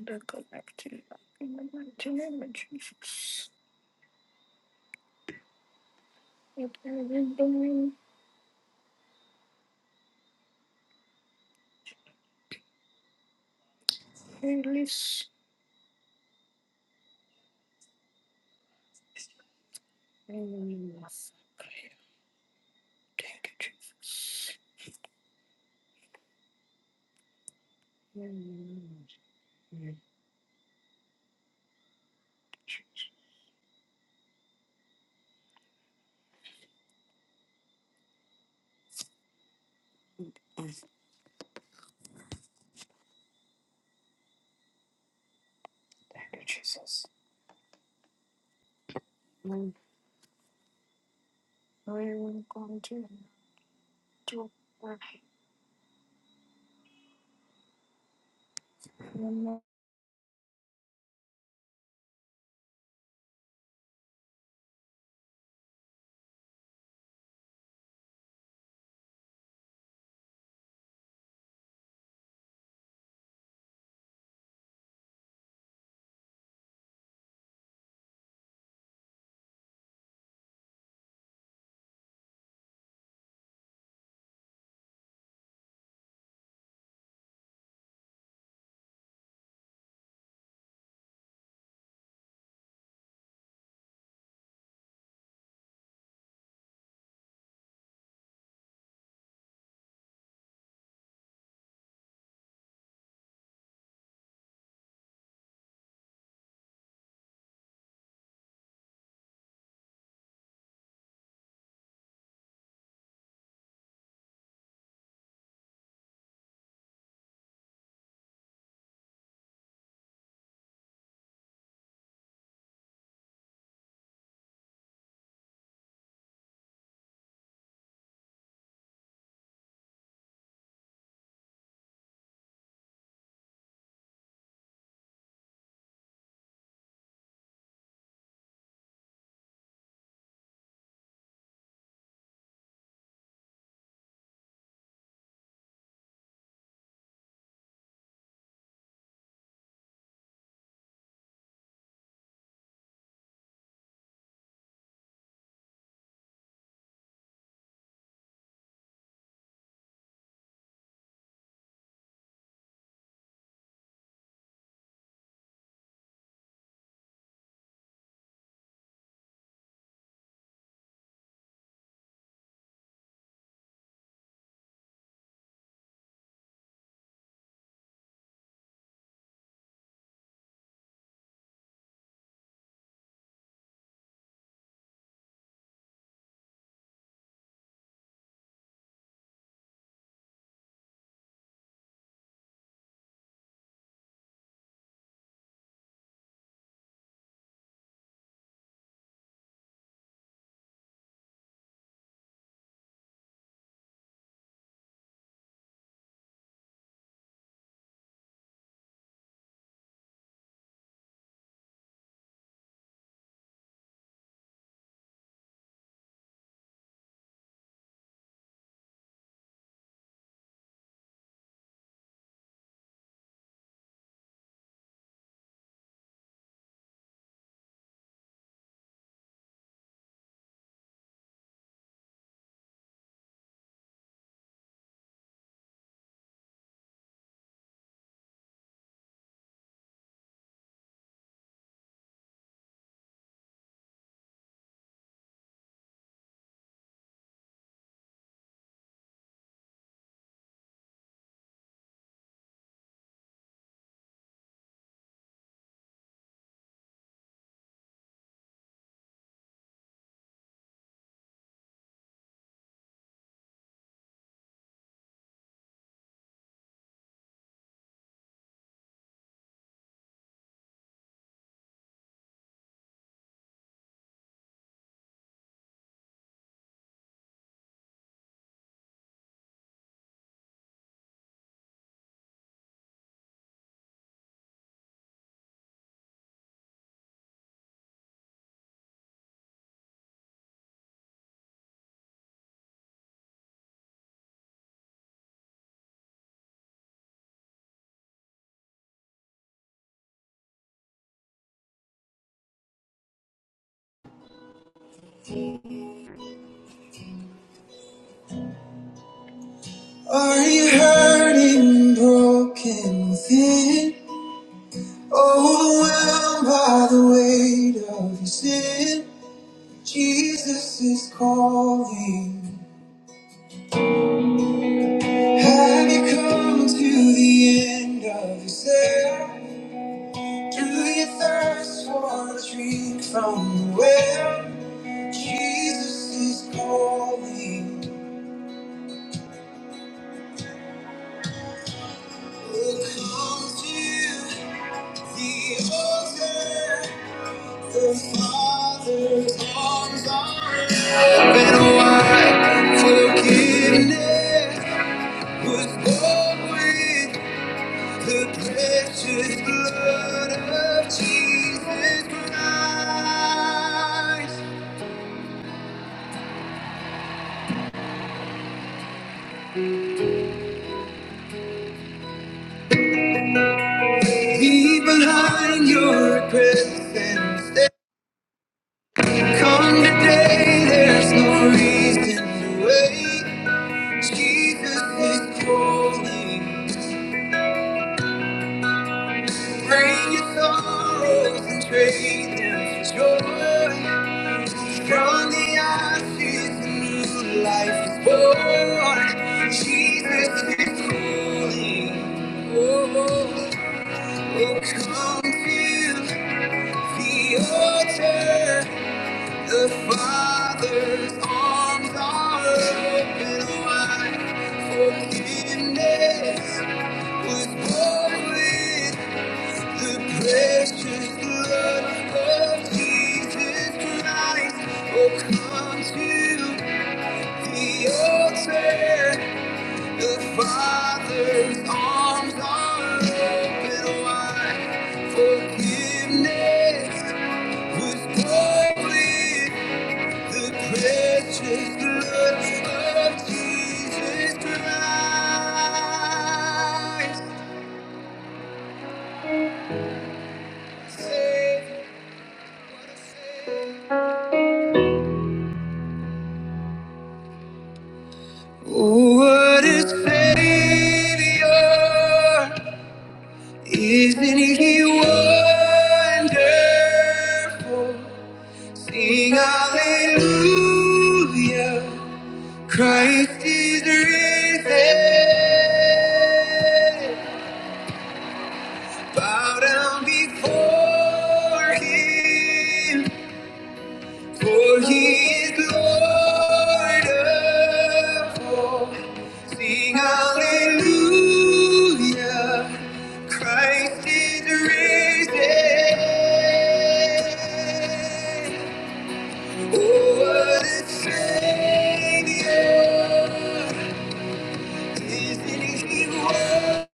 the connecting in the mighty name of Jesus. Release. Thank you, Jesus. Thank you, Jesus. We will continue to pray. In Are you hurting, broken within? Overwhelmed by the weight of your sin? Jesus is calling. Have you come to the end of yourself? Do you thirst for a drink from the well? Jesus is calling. Come to the altar. The Father's arms are open wide. Forgiveness was bought with the precious blood of Jesus Christ. Leave behind your regrets and They come today. There's no reason to wait. Jesus is calling. Bring your sorrows and trade them for joy. From the ashes, a new life is born. Jesus is calling. Oh, oh, oh, come to the altar. The Father's arms are open wide. Forgiveness was born. within. The precious blood of Jesus Christ. Oh, come to the altar. The Father's arms are open wide. Forgiveness was born the precious blood of Jesus Christ. what a Savior. Oh, what a savior! Isn't he wonderful? Sing hallelujah! Christ is risen. Bow down before him, for he is Lord of all. Sing hallelujah! Christ is risen. What a Savior. Isn't he worth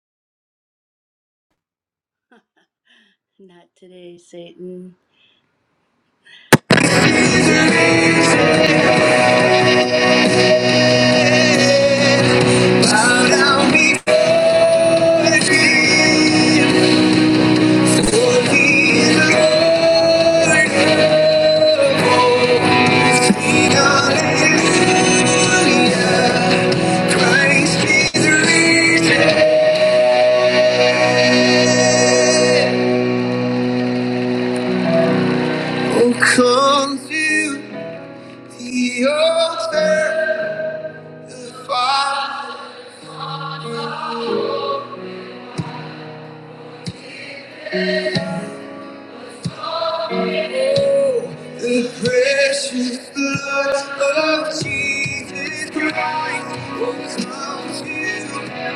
Bow down before him, for he is Lord. Sing hallelujah. Christ is risen. Oh, come to the altar, Father. The precious blood of Jesus Christ overcomes you. at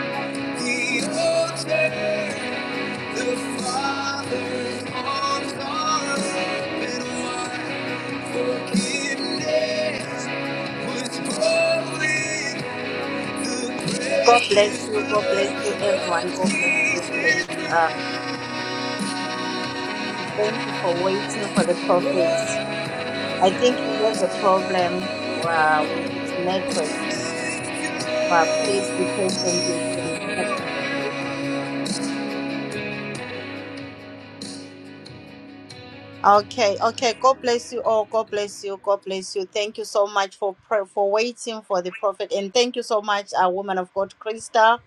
The altar, the Father's arms are open wide. Forgiveness was stolen. The God bless precious you. God blood bless you, of everyone. God bless you, Jesus please. Um, thank you for waiting for the prophet. I think he has a problem uh, with his network, but Christ. please be patient with him. Please, please, please. Okay, okay. God bless you all. God bless you. God bless you. Thank you so much for pray- for waiting for the prophet, and thank you so much, uh, woman of God, Krista,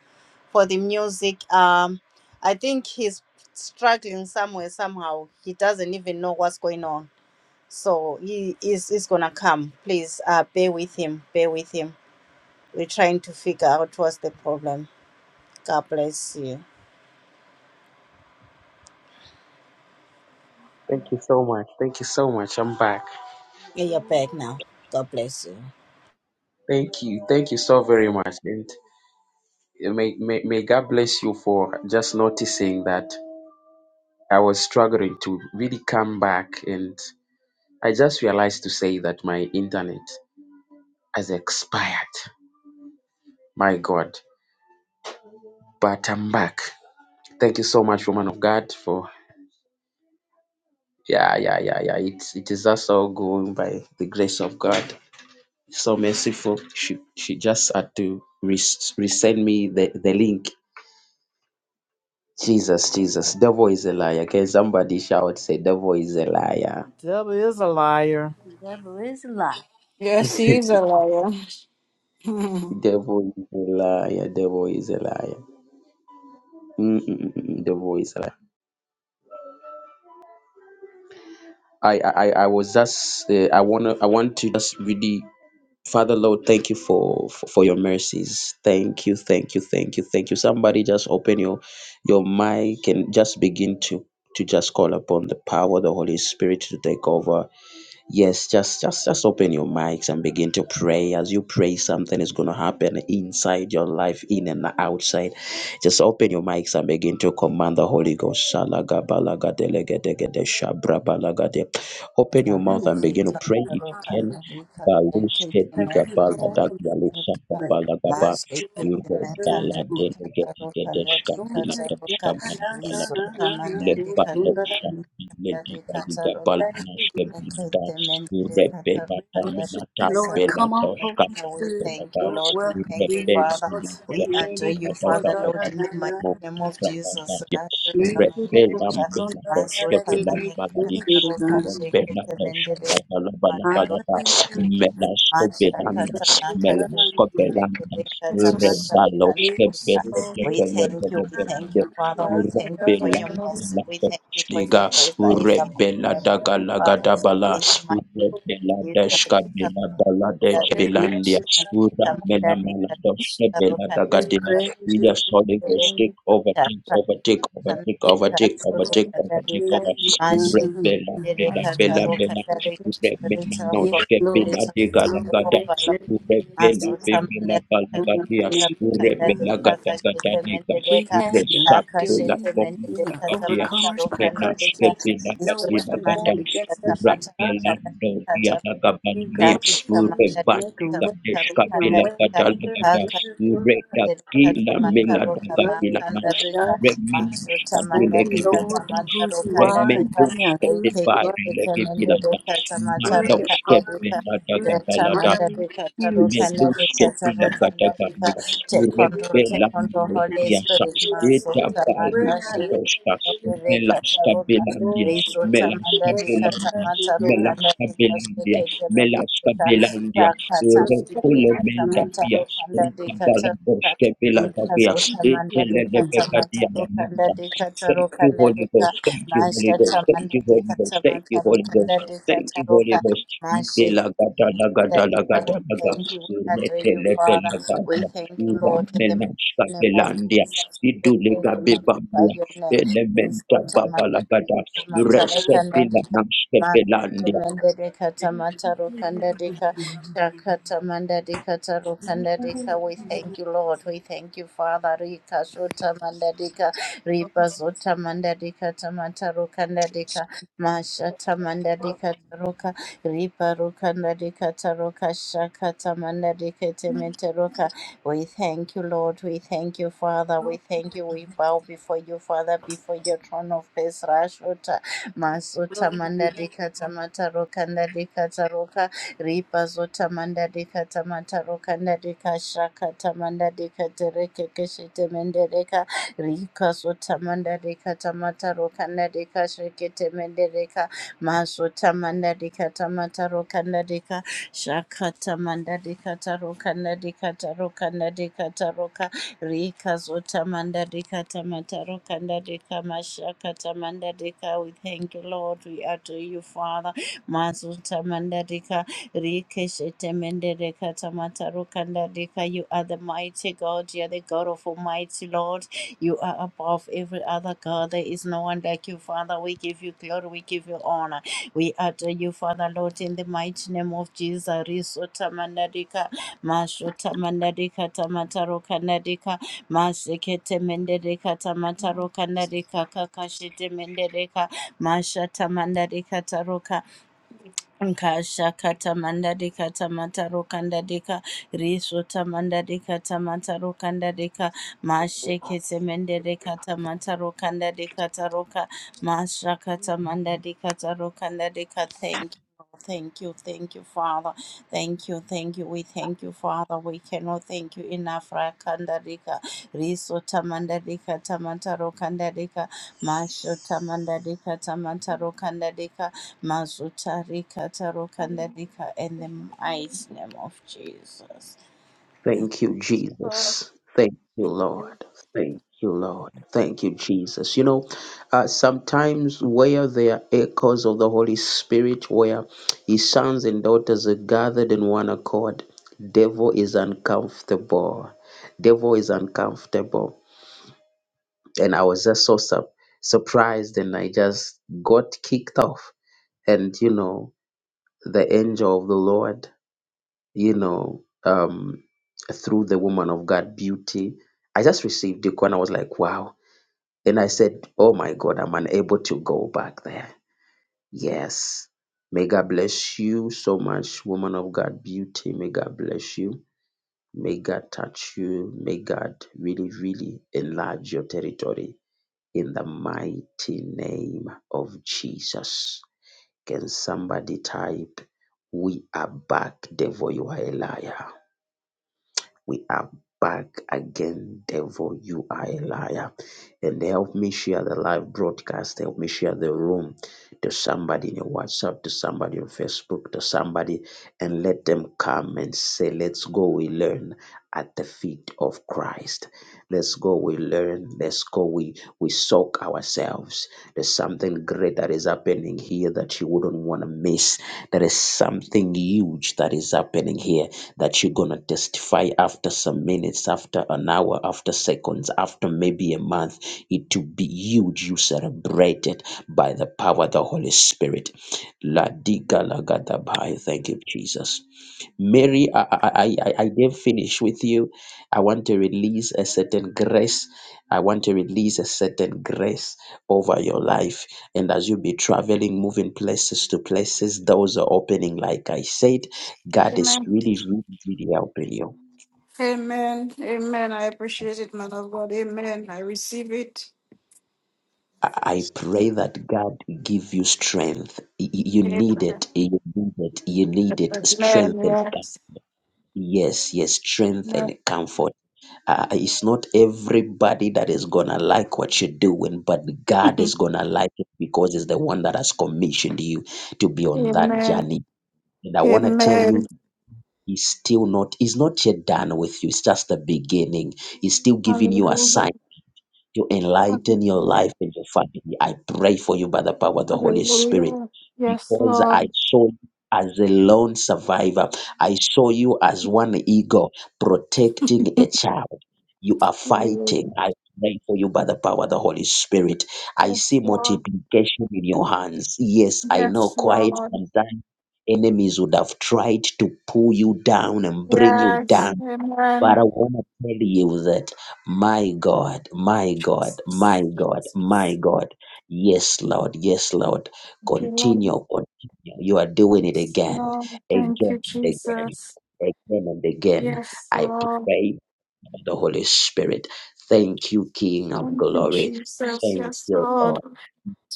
for the music. Um, I think he's struggling somewhere somehow. He doesn't even know what's going on so he is is gonna come please uh bear with him bear with him we're trying to figure out what's the problem god bless you Thank you so much. Thank you so much. I'm back. Yeah, you're back now god bless you Thank you. Thank you so very much. And may, may, may God bless you for just noticing that I was struggling to really come back. And I just realized to say that my internet has expired. My God. But I'm back. Thank you so much, woman of God, for yeah, yeah, yeah, yeah. It it is us all going by the grace of God. So merciful. She she just had to re- resend me the, the link. Jesus, Jesus, devil is a liar. Can somebody shout say devil is a liar? Devil is a liar. Yes, he is a liar. Devil is a liar, devil is a liar. Mm-mm-mm, devil is a liar. I I I I was just uh, I wanna I want to just really Father Lord, thank you for, for for your mercies. Thank you, thank you, thank you, thank you. Somebody just open your your mic and just begin to to just call upon the power of the Holy Spirit to take over Yes, just just just open your mics and begin to pray. As you pray, something is going to happen inside your life, in and outside. Just open your mics and begin to command the Holy Ghost. Shalaga balaga Open your mouth and begin to Tamarika, pray if you can. Tarokandarika, Baruske diga balada gyalu Teketemekandarika, Maziketemekandarika, Tarokandarika, Taroka, Risotamandarika, Taroka, Okay, We Rebella Dominata Bella Doshka thank you, Bella Lord. We thank you, Rebella Father. We Doshka adore you, Bella Father, Lord, in the Doshka mighty name of Jesus. We thank you, Rebella we thank Bella Doshka Bella Baladi Rebella Doshka Bella Bella Balada Melasco Bellanda Melasco Bellanda of Jesus. Rebaloshka Yes. Bella Bella you, Bella Father. We Bella thank you for your mercy. We Rebella thank you for your Liga grace that is upon Rebella us, Father. Dagalagadabala Ina Rebella the Deshka Bela Baladesh kabadadika Belandia Urabella kamadadika Maladosh Bela Dagadina kabukandadika We are solid Ghost, kudeka take over take over take over take over kakandadika take over take over take turukandadika over Rebella Bella mashitandadika Bella Bella tarukandadika spirits of God, Rebelanoske Villa spirits of de God, take Galagada, over, Lord. Rebella Mazuta Bevilla Balagadias, Rebella Gadagadanigas, Resapula Pomagadias, Menaske Villa Gadina Gadas, Rabelando Viana Gabananias, Rebanica Deska Villa Gadalagadas, Reda Gila Mela Dagavilla Mas, Reminus Adile Gaviladas. Remendoshke de bareleke bilada. Mandoshke benada gabalada. Tamanda Rika Tarukanda Rika Meluske pila gata Tarukanda Rika gamilas, Take control, urebe take control, Holy lamulatiasa, Spirit Maso eta balu Tamaka Shiki kadostas, Rika melasta Taruka belandias, Riso Tamanda melasta Rika belandias, Tamata Rukanda melasta Rika belandias, Shiki Tamanda melasta Rika belandias, Raka Tamanda rokolo Rika menda Tamata bias, Rukanda Rika rokabala Taruka boske bela Rika davias, Zotamanda etele de Rika Tamata pecadia la manda. Rukanda Rika Thank you, Tarukanda Holy Rika Ghost. Thank you, Holy Masha Ghost. Thank Tamanda you, Holy Rika Ghost. Thank you, Tamata Holy Ghost. Rukanda Rika Thank you, Holy Ghost. Taruka that is why we Ibelagadalagadalagadalaga. thank you, we adore you, Father. Letelebelagada. We thank you, Lord, in the mighty name of Uramenashkabelandia. Jesus. We thank you, magnify Idulekabebambua. your name. Risto tamanda, Elementababalagadala. tamataro kandadika, Resebilanashkebelandia. masotomendere katamataro kandadika, shakatamandarika taro kandadika. We thank you, Lord. We thank you, Father. Rika sotamandadika, ripa sotamandadika, tamataro kandadika, mashatamandadika taro Riparuka narikataroka shakatamanariketemeteroka. We thank you, Lord. We thank you, Father. We thank you. We bow before you, Father, before your throne of grace. Rashota masuta mandarikatamataroka narikataroka. Ripazota mandarikatamataroka narikashakatamandadikaterekekeshetemendereka. Rikazota mandarikatamataroka narikashreketemendereka. Masota mandadika tamataro kandadika. Shakata mandadika taro kandadika taro kandadika taro ka. Rika zota mandadika tamataro kandadika. Mashakata mandadika. We thank you, Lord. We adore you, Father. Masota mandadika. Rikeshete mendedeka tamataro kandadika. You are the mighty God. You are the God of Almighty Lord. You are above every other God. There is no one like you, Father. We give you glory. We give you honor. We utter you, Father, Lord, in the mighty name of Jesus. Risota mandarika, mashota mandarika, tamataro kandarika, masekete mendereka, tamataro kandarika, kakashete mendereka, mashata mandarika taroka. Kasha katamanda deka tamata rokanda dika riso tamanda deka tamata rokanda deka masheke temende deka tamata rokanda deka taroka masha katamanda deka tarokanda dika thank you. Thank you, thank you, Father. Thank you, thank you. We thank you, Father. We cannot thank you enough. Rakanda dika riso tamanda deka tamata rokanda deka masha tamanda deka tamata rokanda dika Mazutari Kataro Kandadika in the mighty name of Jesus. Got kicked off, and you know, the angel of the Lord, you know, um, through the woman of God, beauty. I just received the call I was like, wow. And I said, oh my God, I'm unable to go back there Yes. May God bless you so much, woman of God, beauty. May God bless you. May God touch you. May God really, really enlarge your territory in the mighty name of Jesus. Can somebody type, We are back, devil, you are a liar? We are back again, devil. You are a liar. And help me share the live broadcast. Help me share the room to somebody in your WhatsApp, to somebody on Facebook, to somebody, and let them come and say, Let's go. We learn at the feet of Christ. Let's go. We learn. Let's go. We we soak ourselves. There's something great that is happening here that you wouldn't want to miss. There is something huge that is happening here that you're gonna testify after some minutes, after an hour, after seconds, after maybe a month. It to be huge. You celebrate it by the power of the Holy Spirit. La diga la gadabai. Thank you, Jesus. Mary, I I I, I I didn't finish with you. I want to release a certain grace. I want to release a certain grace over your life. And as you be traveling, moving places to places, doors are opening. Like I said, God is Amen. really, really, really helping you. Amen. Amen. I appreciate it, man of God. Amen. I receive it. I I pray that God give you strength. Y- y- You need it. You need it. You need it. Amen. Strength and com- Yes. yes, yes, strength Amen. and comfort. uh, it's not everybody that is gonna like what you're doing, but God is gonna like it because He's the one that has commissioned you to be on that Amen. journey. And I want to tell you, Amen. He's still not, He's not yet done with you. It's just the beginning. He's still giving you a sign Hallelujah. to enlighten your Hallelujah. life and your family. I pray for you by the power of the Holy Spirit Hallelujah. Yes, because I Lord. saw you as a lone survivor. I saw you as one eagle protecting a child. You are fighting. Amen. I pray for you by the power of the Holy Spirit. I Yes, see Lord. multiplication in your hands. Yes, I know Yes, quite Lord. sometimes enemies would have tried to pull you down and bring you down Yes. but I Amen. want to tell you that my God, my God, my God, my God. Yes, Lord, yes, Lord. Thank you, Lord. Continue, continue. You are doing it Yes, again, Lord. Thank you, again and again, Jesus. again and again. Yes, I Lord. pray for the Holy Spirit. Thank you, King of Thank you, glory. Jesus. Thank Yes, you, Lord. Lord.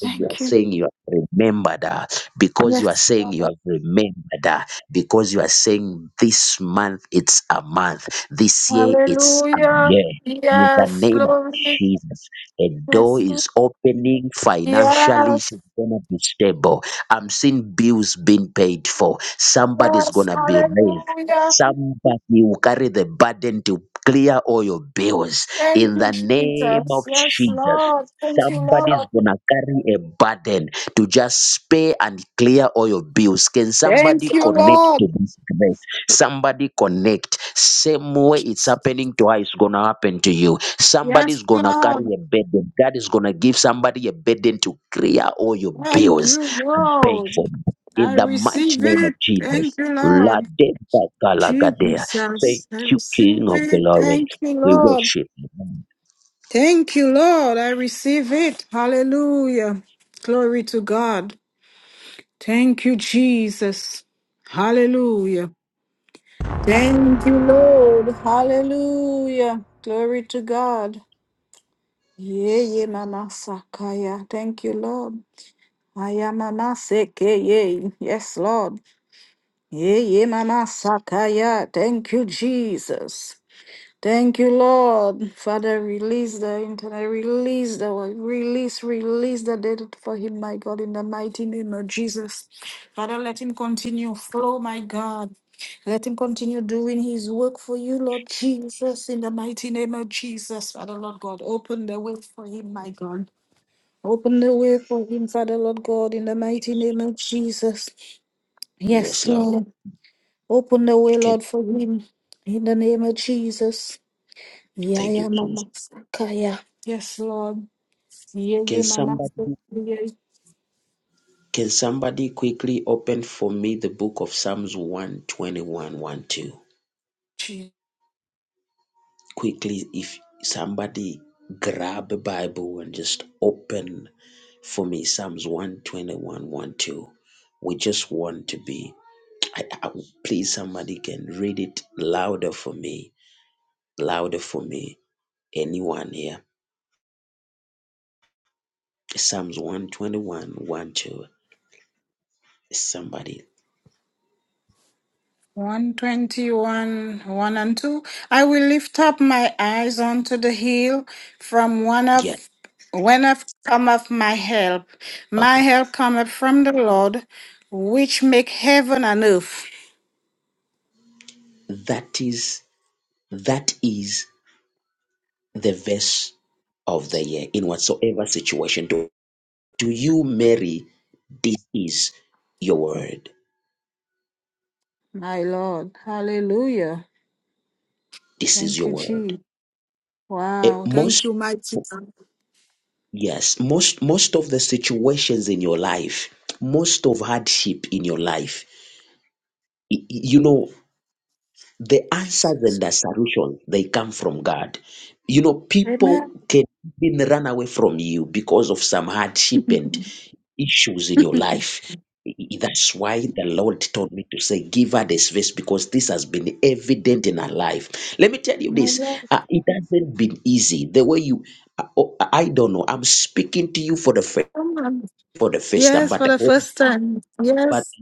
Because you are you. saying you have remembered uh, because you are Yes, saying you Lord. have remembered uh, because you are saying this month it's a month this year it's a Hallelujah. year in the Yes, name of glory. jesus a Yes, door Lord. is opening financially Yes, she's gonna be stable i'm seeing bills being paid for somebody's Yes, gonna be raised hallelujah. somebody will carry the burden to clear all your bills Thank in you, the name of Jesus. Yes, jesus Lord. Thank you, Somebody's Lord. gonna carry a burden to just pay and clear all your bills. Can somebody Thank you, connect to Lord. this grace? Somebody connect. Same way it's happening to her, it's gonna happen to you. Yes, Somebody's gonna carry Lord. a burden. God is gonna give somebody a burden to clear all your Thank bills you, and pay for Lord. it. In I the mighty receive name of it. Thank Jesus. you, La Lord. de ba ga la ga dea. Thank Jesus, I you, receive King of it. Glory. Thank you, We Lord. worship you. Thank you, Lord. I receive it. Hallelujah. Glory to God. Thank you, Jesus. Hallelujah. Thank you, Lord. Hallelujah. Glory to God. Ye ye mama sakaya. Thank you, Lord. Aya mama seke ye. Yes, Lord. Ye ye mama sakaya. Thank you, Jesus. Thank you, Lord. Father, release the internet, release the world, release, release the data for him, my God, in the mighty name of Jesus. Father, let him continue flow, my God. Let him continue doing his work for you, Lord Jesus, in the mighty name of Jesus. Father, Lord God, open the way for him, my God. Open the way for him, Father, Lord God, in the mighty name of Jesus. Yes, Yes, Lord. Lord. Open the way, Okay. Lord, for him, in the name of Jesus. Yeah, Thank yeah, you, Jesus. Mama Sakaya. Yes, Lord. Yeah, Can yeah, Mama somebody Sakaya. can somebody quickly open for me the book of Psalms one twenty one one two Jesus. Quickly, if somebody grab a Bible and just open for me Psalms one twenty one one two, We just want to be. I, I, please, somebody can read it louder for me. Louder for me. Anyone here? Psalms one twenty one one two. Somebody. 121, 1 and 2. I will lift up my eyes unto the hill from one Yes. of when of cometh my help. My help cometh from the Lord, which make heaven and earth. That is, that is the verse of the year in whatsoever situation do, do you marry this is your word My Lord. Hallelujah. this is Thank your you, word Jesus. Eh, Wow. Thank most you, mighty God. yes most most of the situations in your life most of hardship in your life y- y- you know the Jesus. answers and the solutions they come from god you know people Amen. can even run away from you because of some hardship and issues in your life. I- I- That's why the Lord told me to say, Give her the space because this has been evident in her life. Let me tell you My this uh, it hasn't been easy. The way you, uh, oh, I I don't know, I'm speaking to you for the first. Lord. For the first time, Yes, but for the the Holy, first time. but Yes,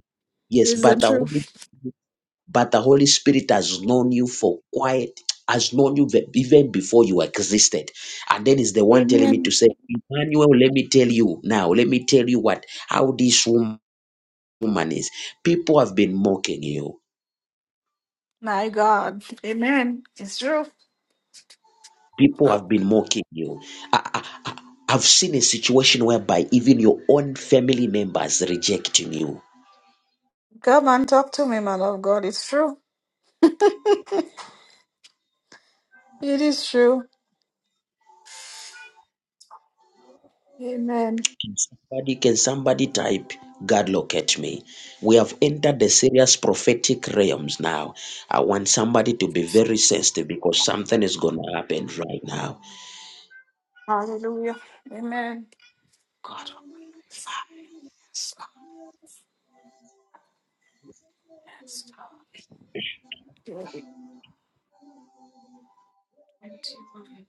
yes, is the but the truth. Holy, but the Holy Spirit has known you for quite, has known you ve- even before you existed, and then is the one telling me to Amen. say, Emmanuel, let me tell you now, let me tell you what how this woman woman is. People have been mocking you. My God. Amen. It's true. People have been mocking you. I, I, I- I've seen a situation whereby even your own family members rejecting you. Come and talk to me, man of God. It's true. It is true. Amen. Can somebody, can somebody type, God locate me? We have entered the serious prophetic realms now. I want somebody to be very sensitive because something is going to happen right now. Hallelujah. Amen. God open my eyes. Yes, God. twenty-one.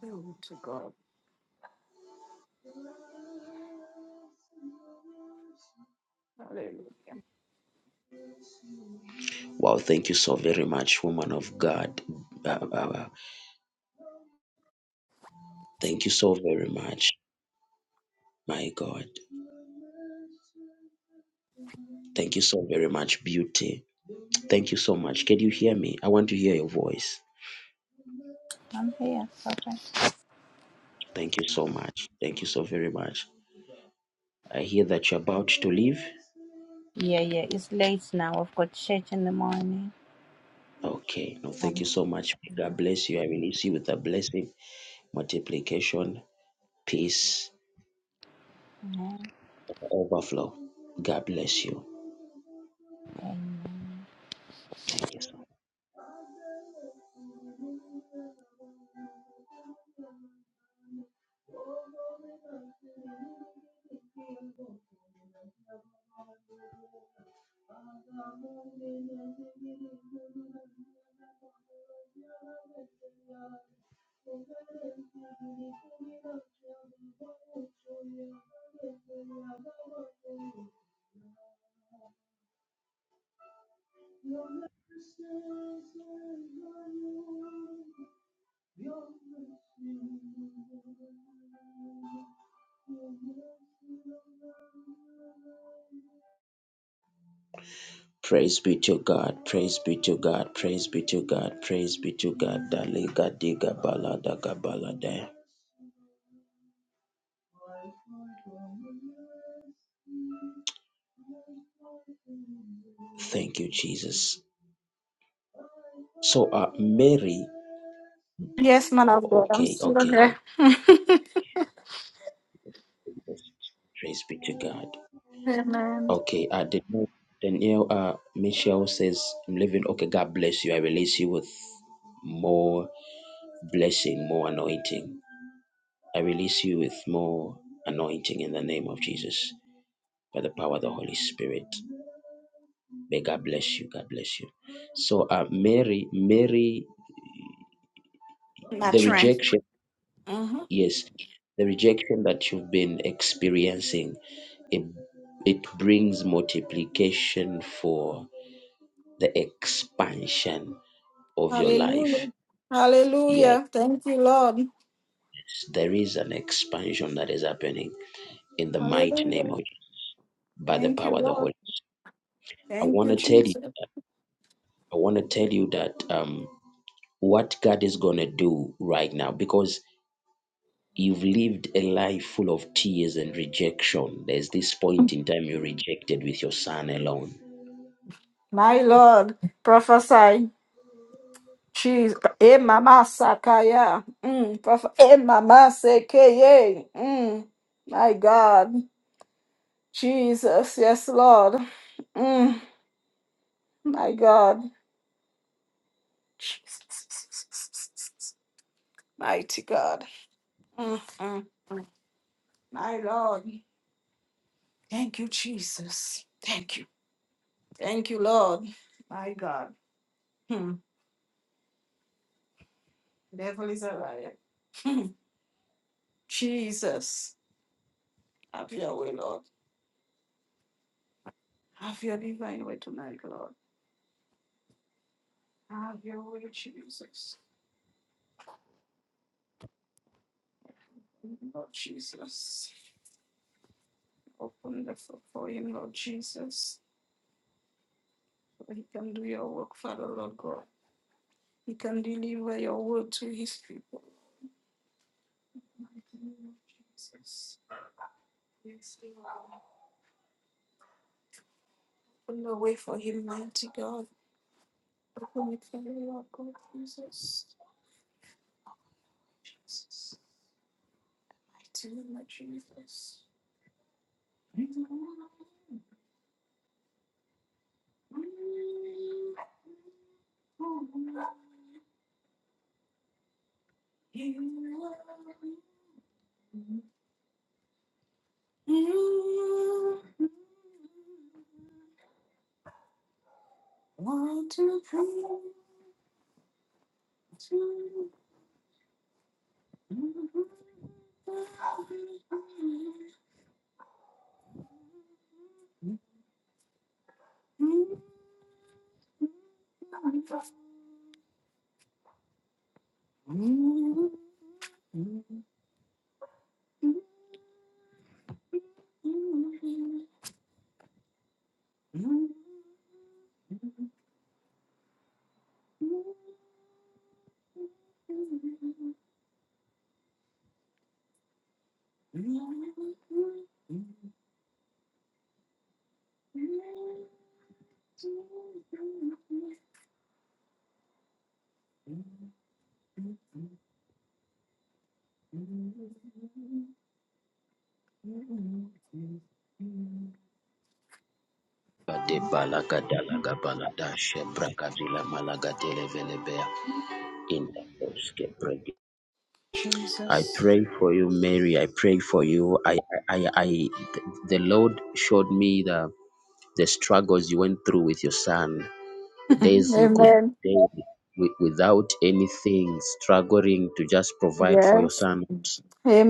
Glory to God. Hallelujah. Wow, thank you so very much, woman of God. Uh, uh, uh, thank you so very much, my God. Thank you so very much, beauty. Thank you so much. Can you hear me? I want to hear your voice. I'm here. Papa. Thank you so much. Thank you so very much. I hear that you're about to leave. Yeah, yeah. It's late now. I've got church in the morning. Okay. No, thank you so much. God bless you. I release you with a blessing, multiplication, peace, overflow. God bless you. Thank you so much. Your mercy Praise be to God, praise be to God, praise be to God, praise be to God. Daliga diga balada gabalada. Thank you, Jesus. So, uh, Mary, Yes, man of God. I'm okay, still okay, here. okay. Praise be to God. Amen. Okay, uh, Daniel, Daniel, uh, Michelle says, I'm leaving. Okay, God bless you. I release you with more blessing, more anointing. I release you with more anointing in the name of Jesus by the power of the Holy Spirit. May God bless you. God bless you. So, uh, Mary, Mary, the rejection, Mhm. yes, the rejection that you've been experiencing, it, it brings multiplication for the expansion of your life. Hallelujah. Yes, Hallelujah. Thank you, Lord. there is an expansion that is happening in the mighty name Hallelujah. of by the Thank you, power of the Lord. Holy. I Thank want you, to tell you, Jesus. I want to tell you that um, what God is going to do right now because you've lived a life full of tears and rejection. There's this point in time you rejected with your son alone. My Lord, prophesy. Jesus. Eh, mama sakaya. Mm, proph- eh, mama sekeye. Mm, my God. Jesus. Yes, Lord. Mm, my God. Jesus. Mighty God. Mm, mm, mm. My Lord. Thank you, Jesus. Thank you. Thank you, Lord. My God. Hmm. Devil is a liar. Jesus, have your way, Lord. Have your divine way tonight, Lord. Have your way, Jesus. Lord Jesus, open the floor for him, Lord Jesus. So he can do your work, Father, Lord God. He can deliver your word to his people. Mighty name of Jesus. Yes, Lord. Open the way for him, mighty God. Open it for him, Lord God, Jesus. Jesus. Mighty name of Jesus. Want to please Bade balaga dalaga balada shebraka dila malaga dele velebea in the bosque brege. I Jesus. pray for you, Mary. I pray for you. I, I, I, I the Lord showed me the the struggles you went through with your son days you could Amen. stay wi- without anything struggling to just provide for your Yes. son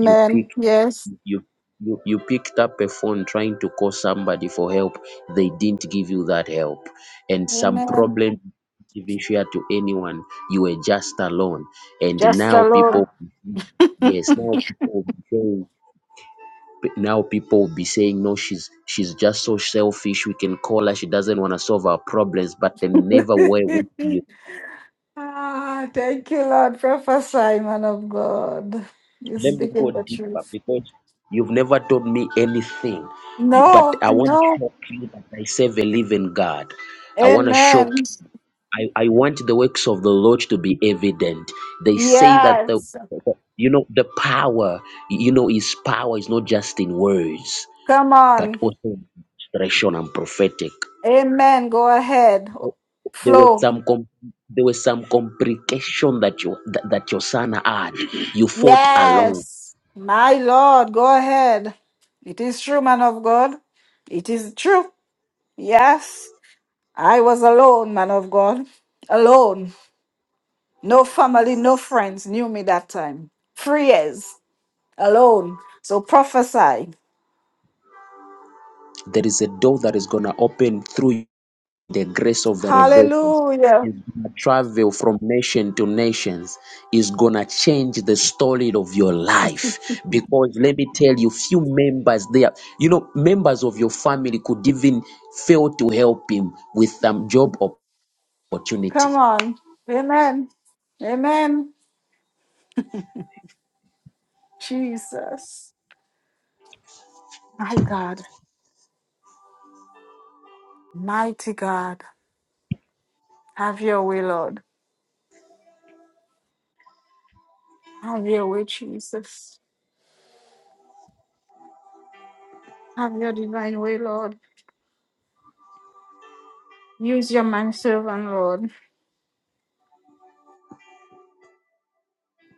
you pick Yes. you you, you picked up a phone trying to call somebody for help they didn't give you that help and some Amen. problem even share to anyone you were just alone and Just the now Lord. people yes now people will be saying now people will be saying no she's she's just so selfish we can call her she doesn't want to solve our problems but they never were with you Ah, thank you, Lord. Prophesy, man of God. You're let me go speaking the deeper truth. because you've never told me anything. You, but No, I want to no. shock you that I serve a living God. I want to shock. Amen. I, I want the works of the Lord to be evident. They say that the, Yes. the- you know the power you know his power is not just in words Come but on. also in expression and prophetic. Amen. Go ahead. There were Flow. some com- there were some complication that you that, that your son had. You fought alone Yes. My Lord, go ahead. It is true, man of God. It is true. Yes. I was alone, man of God. Alone. No family, no friends knew me that time. Three years. alone. So prophesy. there is a door that is going to open through the grace of the revelation. Hallelujah. Is going to travel from nation to nations. Is going to change the story of your life. Because let me tell you, few members there, you know, members of your family could even fail to help him with some job opportunity. Come on. Amen. Amen. Jesus. My God. Mighty God. Have your way, Lord. Have your way, Jesus. Have your divine way, Lord. Use your man servant, Lord.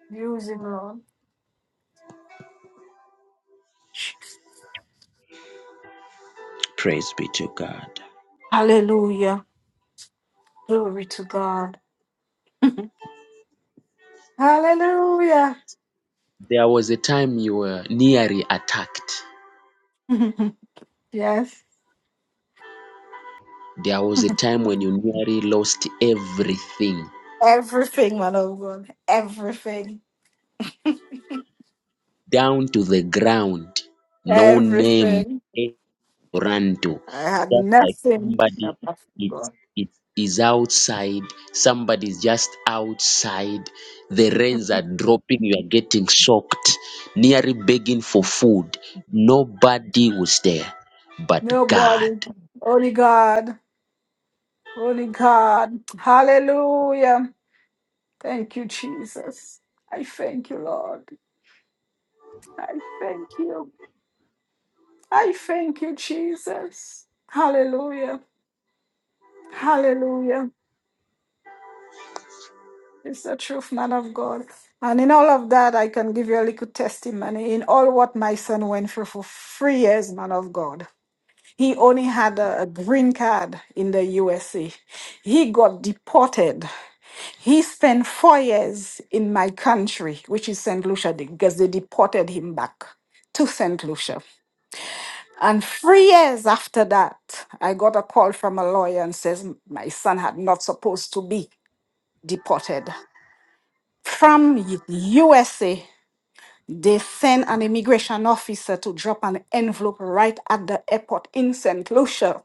Use him, Lord. Praise be to God. Hallelujah. Glory to God. Hallelujah. There was a time you were nearly attacked. yes. There was a time when you nearly lost everything. Everything, man of God. Everything. down to the ground. No name Everything. to run to. I had Just like nothing somebody apart from it's God. it is outside. Somebody's just outside. The rains are dropping. You are getting soaked. Nearly begging for food. Nobody was there but God. Nobody. Only God. Only God. Hallelujah. Thank you, Jesus. I thank you, Lord. I thank you. I thank you, Jesus. Hallelujah. Hallelujah. It's the truth, man of God. And in all of that, I can give you a little testimony in all what my son went through for three years, man of God. He only had a, a green card in the USA. He got deported. He spent four years in my country, which is St. Lucia, because they deported him back to St. Lucia. And three years after that, I got a call from a lawyer and says my son had not supposed to be deported. From U- USA, they sent an immigration officer to drop an envelope right at the airport in St. Lucia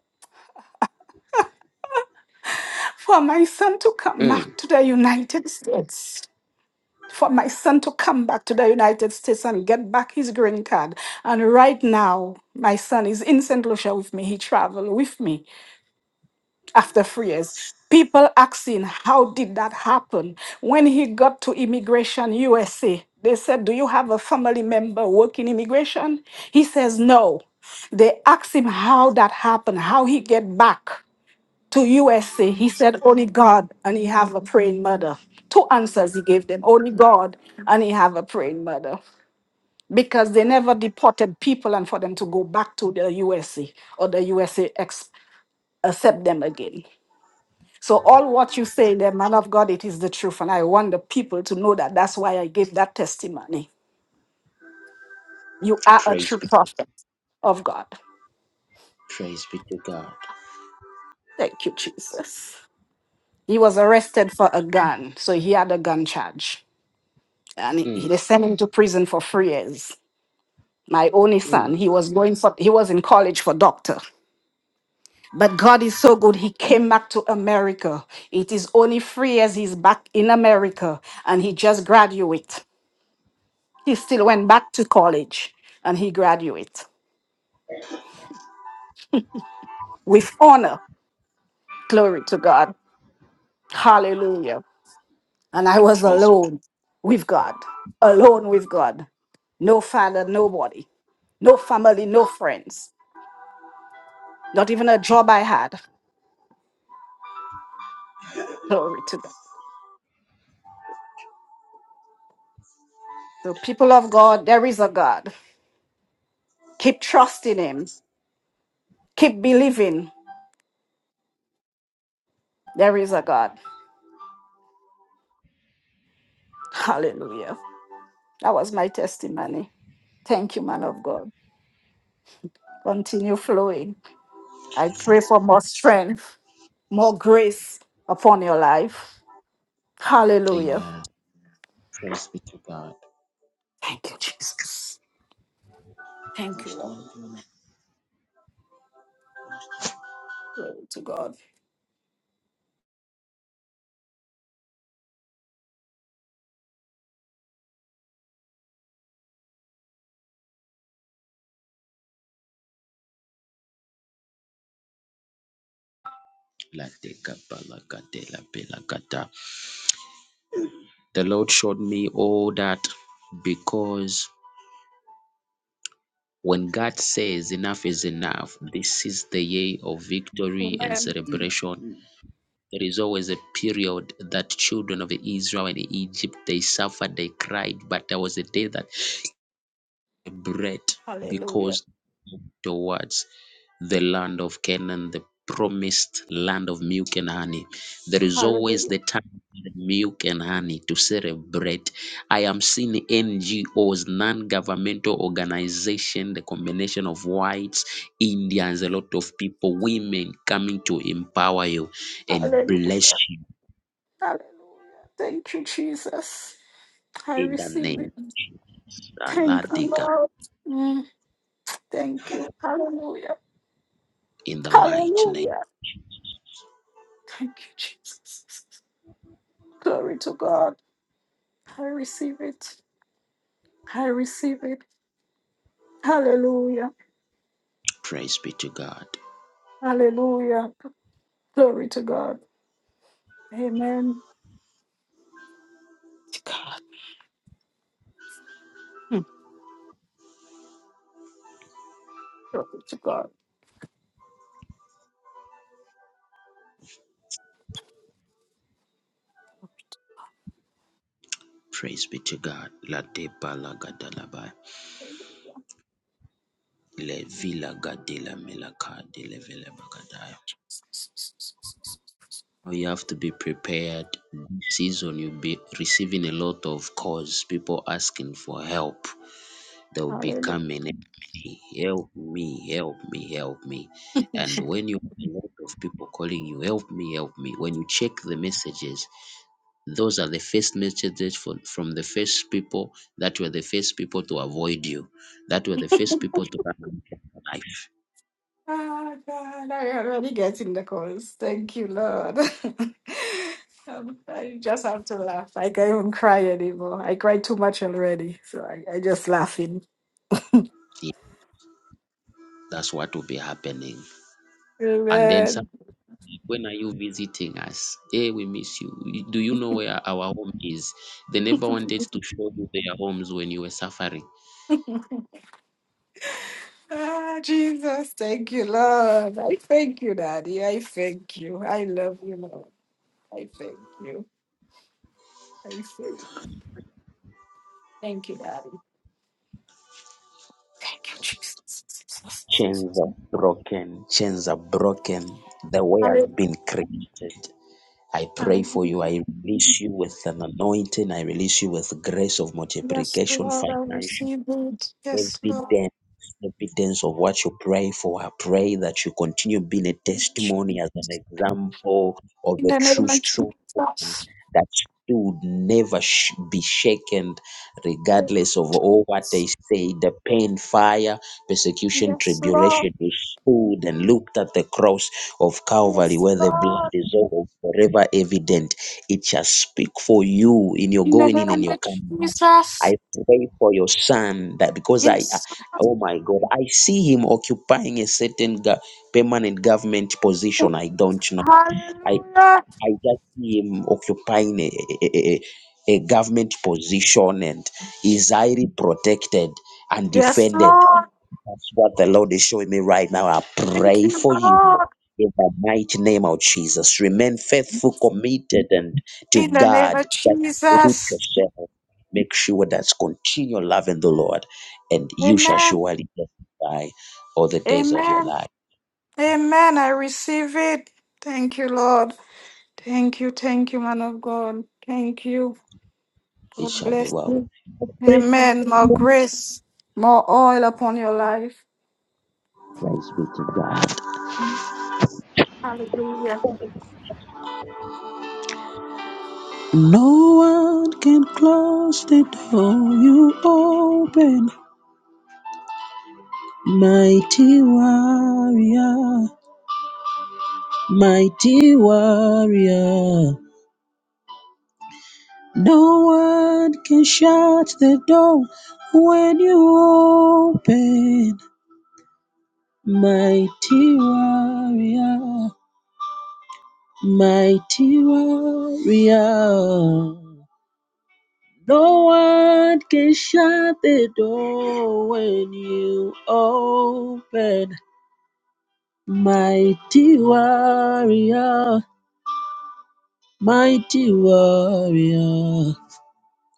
for my son to come back to the United States. For my son to come back to the United States and get back his green card. And right now, my son is in St. Lucia with me. He traveled with me after three years. People asking, how did that happen? When he got to Immigration USA, they said, Do you have a family member working immigration? He says, No. They asked him how that happened, how he get back to USA. He said, Only God and he have a praying mother. Two answers he gave them only God and he have a praying mother. Because they never deported people and for them to go back to the USA or the USA ex- accept them again. So, all what you say, the man of God, it is the truth. And I want the people to know that. That's why I gave that testimony. You are a true prophet of God. Thank you, Jesus. He was arrested for a gun. So, he had a gun charge and he- he- they sent him to prison for three years. My only son, he was going for he was in college for doctor. But God is so good. He came back to America. It is only three years he's back in America, and he just graduate. He still went back to college, and he graduate with honor. Glory to God. Hallelujah. And I was alone with God, alone with God no father, nobody, no family, no friends, not even a job I had. Glory to God. So, people of God, there is a God. Keep trusting Him. Keep believing there is a God. Hallelujah. That was my testimony. Thank you, man of God. Continue flowing. I pray for more strength, more grace upon your life. Hallelujah. Thank you, Jesus. Thank you, Lord. Glory to God. The Lord showed me all that because When God says enough is enough, this is the year of victory and Amen. celebration. There is always a period that children of Israel and Egypt they suffered, they cried, but there was a day that bread Hallelujah. because towards the land of Canaan, the promised land of milk and honey. There is always Hallelujah. the time for milk and honey to celebrate. I am seeing NGOs, non-governmental organization, the combination of whites, Indians, a lot of people, women coming to empower you and bless Hallelujah. you Hallelujah. Thank you, Jesus. I in the receive it. name. Allah Thank you, dig up Lord. Mm, Thank you. Hallelujah. in the mighty name. Hallelujah. Thank you, Jesus. Glory to God. I receive it. I receive it. Hallelujah. Hallelujah. Glory to God. Amen. To God. Glory to God. Praise be to God. La Le Villa Gadela Melaka Dele Vele Bagadaya. You have to be prepared. This season you'll be receiving a lot of calls, people asking for help. They'll be Hallelujah. coming, "Help me, help me, help me, help me. And when you have a lot of people calling you, help me, help me, when you check the messages, those are the first messages for, from the first people that were the first people to avoid you, that were the first people to run away from your life. Ah, God, I'm already getting the calls. Thank you, Lord. Um, I just have to laugh. Like, I can't even cry anymore. I cried too much already. So I, I just laughing. That's what will be happening. And then Amen. some, when are you visiting us? Hey, we miss you. Y- Do you know where our home is? They never wanted to show you their homes when you were suffering. Ah, Jesus, thank you, Lord. I thank you, Daddy. I thank you. I love you, Lord. I thank you. I thank you. Thank you, Daddy. Thank you, Jesus. Chains are broken. Chains are broken. The way has Hallelujah. been created. I pray for you. Hallelujah. I release you with an anointing. I release you with grace of Yes, multiplication, Lord, I financial. receive it. Yes, Lord. evidence, evidence of what you pray for. I pray that you continue being a testimony as an example of In a the name true, of true woman Jesus. that should never sh- be shaken, regardless of all what Yes, they say the pain, fire, persecution, Yes, Lord. tribulation. You stood and looked at the cross of Calvary Yes, where the Lord. blood is all forever evident. It shall speak for you in your In the going in name and of your coming. Jesus. I pray for your son that because I, I- Yes, Lord. oh my God, I see him occupying a certain go- permanent government position. I don't know. I, Hallelujah. I just see him occupying a, a, a, a government position and is highly protected and Yes, defended. Lord. That's what the Lord is showing me right now. I Thank pray you, for you Lord. in the mighty name of Jesus. Remain faithful, committed, and to In the name God. of That's root Jesus. yourself. Make sure that's continue loving the Lord, and you shall Amen. surely testify all the days of your Amen. life. Amen. I receive it. Thank you, Lord. Thank you. Thank you, man of God. Thank you. It God shall be bless. well. with Amen. More grace, more oil upon your life. you. Praise be to God. Hallelujah. No one can close the door you open, mighty warrior. Mighty warrior, no one can shut the door when you open. Mighty warrior, mighty warrior, no one can shut the door when you open. Mighty warrior, mighty warrior.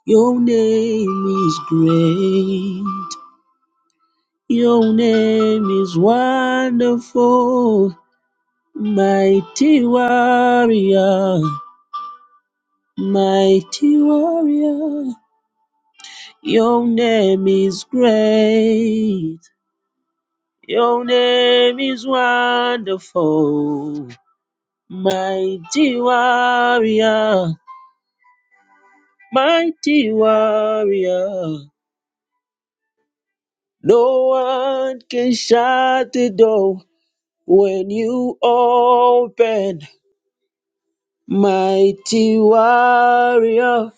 Your name is great. Your name is wonderful. Mighty warrior. Mighty warrior. Your name is great. Your name is wonderful. Mighty warrior. Mighty warrior. No one can shut the door. When you open, mighty warrior,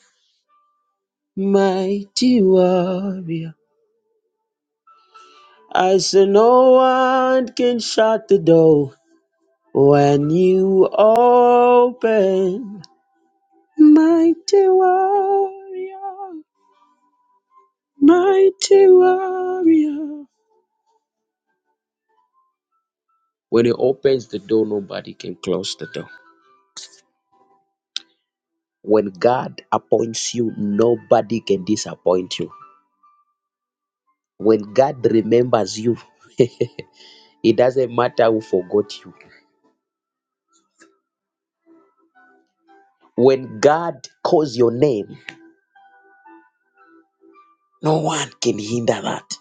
mighty warrior. I say no one can shut the door. When you open, mighty warrior, mighty warrior. You open, close the door. When God appoints you, nobody can disappoint you. When God remembers you, It doesn't matter who forgot you. When God calls your name, no one can hinder that.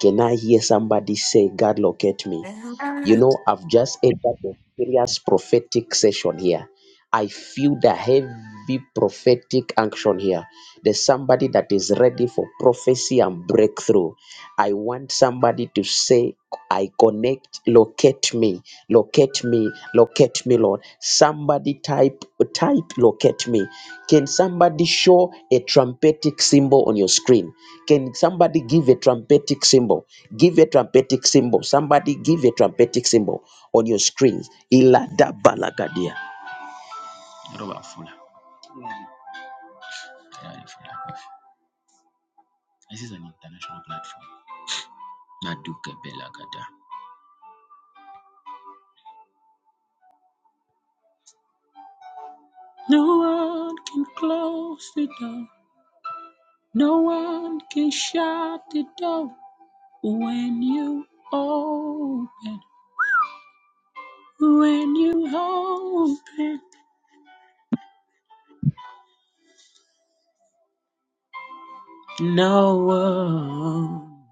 Can I hear somebody say, God locate me? Amen. You know, I've just entered the serious prophetic session here. I feel the heavy prophetic action here. There's somebody that is ready for prophecy and breakthrough. I want somebody to say, I connect, locate me, locate me, locate me, Lord. Somebody type, type, locate me. Can somebody show a trumpetic symbol on your screen? Can somebody give a trumpetic symbol? Give a trumpetic symbol. Somebody give a trumpetic symbol on your screens. Ilada balagadia. This is an international platform. Naduke belagada. No one can close the door. No one can shut the door when you open. When you open, no one,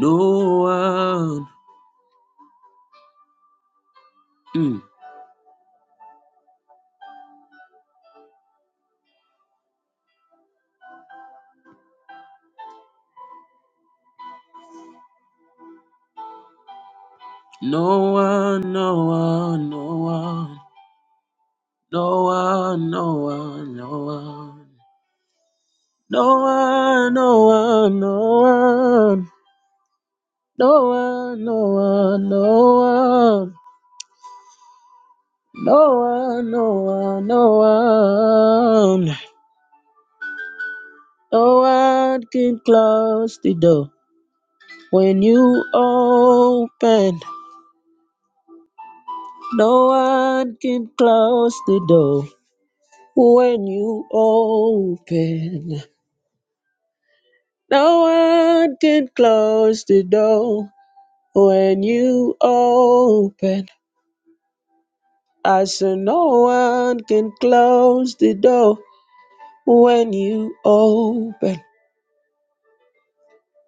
no one, mm. no one, no one, no one, no one, no one, no one, no one, no one, no one, no one, no one, no one, no one, no one, no one. No one can close the door when you open. No one can close the door when you open. No one can close the door when you open. I said, No one can close the door when you open.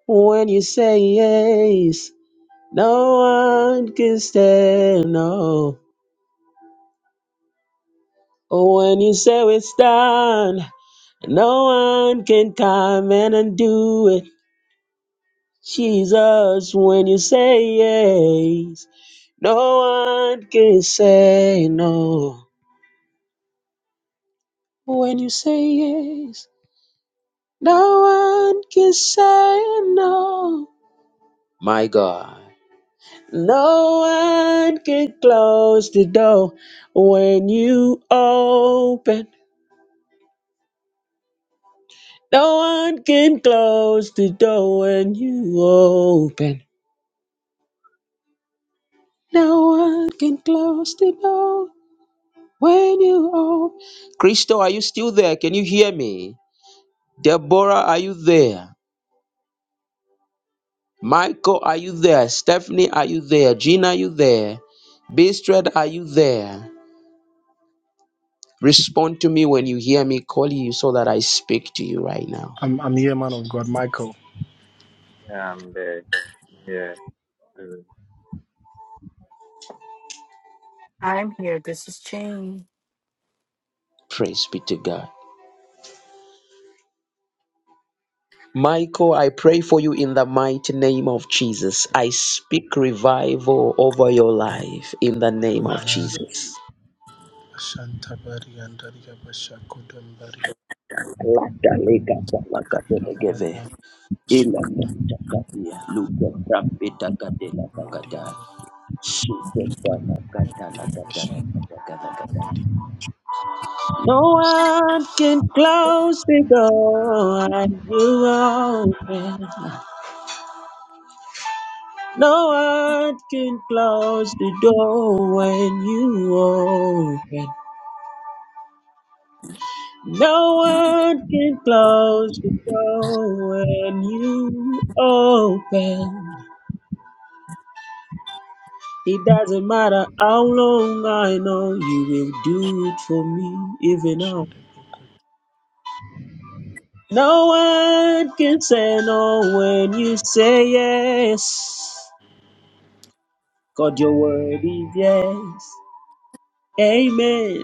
When you say yes, no one can stand. No Oh, when you say it's done, no one can come in and do it. Jesus, when you say yes, no one can say no. When you say yes, no one can say no. My God. No one can close the door when you open. No one can close the door when you open. No one can close the door when you open. Crystal, are you still there? Can you hear me? Deborah, are you there? Michael, are you there? Stephanie, are you there? Gina, are you there? Bistred, are you there? Respond to me when you hear me call you so that I speak to you right now. I'm, I'm here, man of God, Michael. Yeah, I'm there. I'm here. Mm. I'm here. This is Jean. Praise be to God. Michael, I pray for you in the mighty name of Jesus. I speak revival over your life in the name of Amen. Jesus. Shantabari and Daria Bashakudam Daria Dabari and Luke Brapita Gadela Bagada. Daria Bashakudam No one can close the door and you are open. No one can close the door when you open. No one can close the door when you open. It doesn't matter how long I know you will do it for me, even now. No one can say no when you say yes. God, your word is yes. Amen.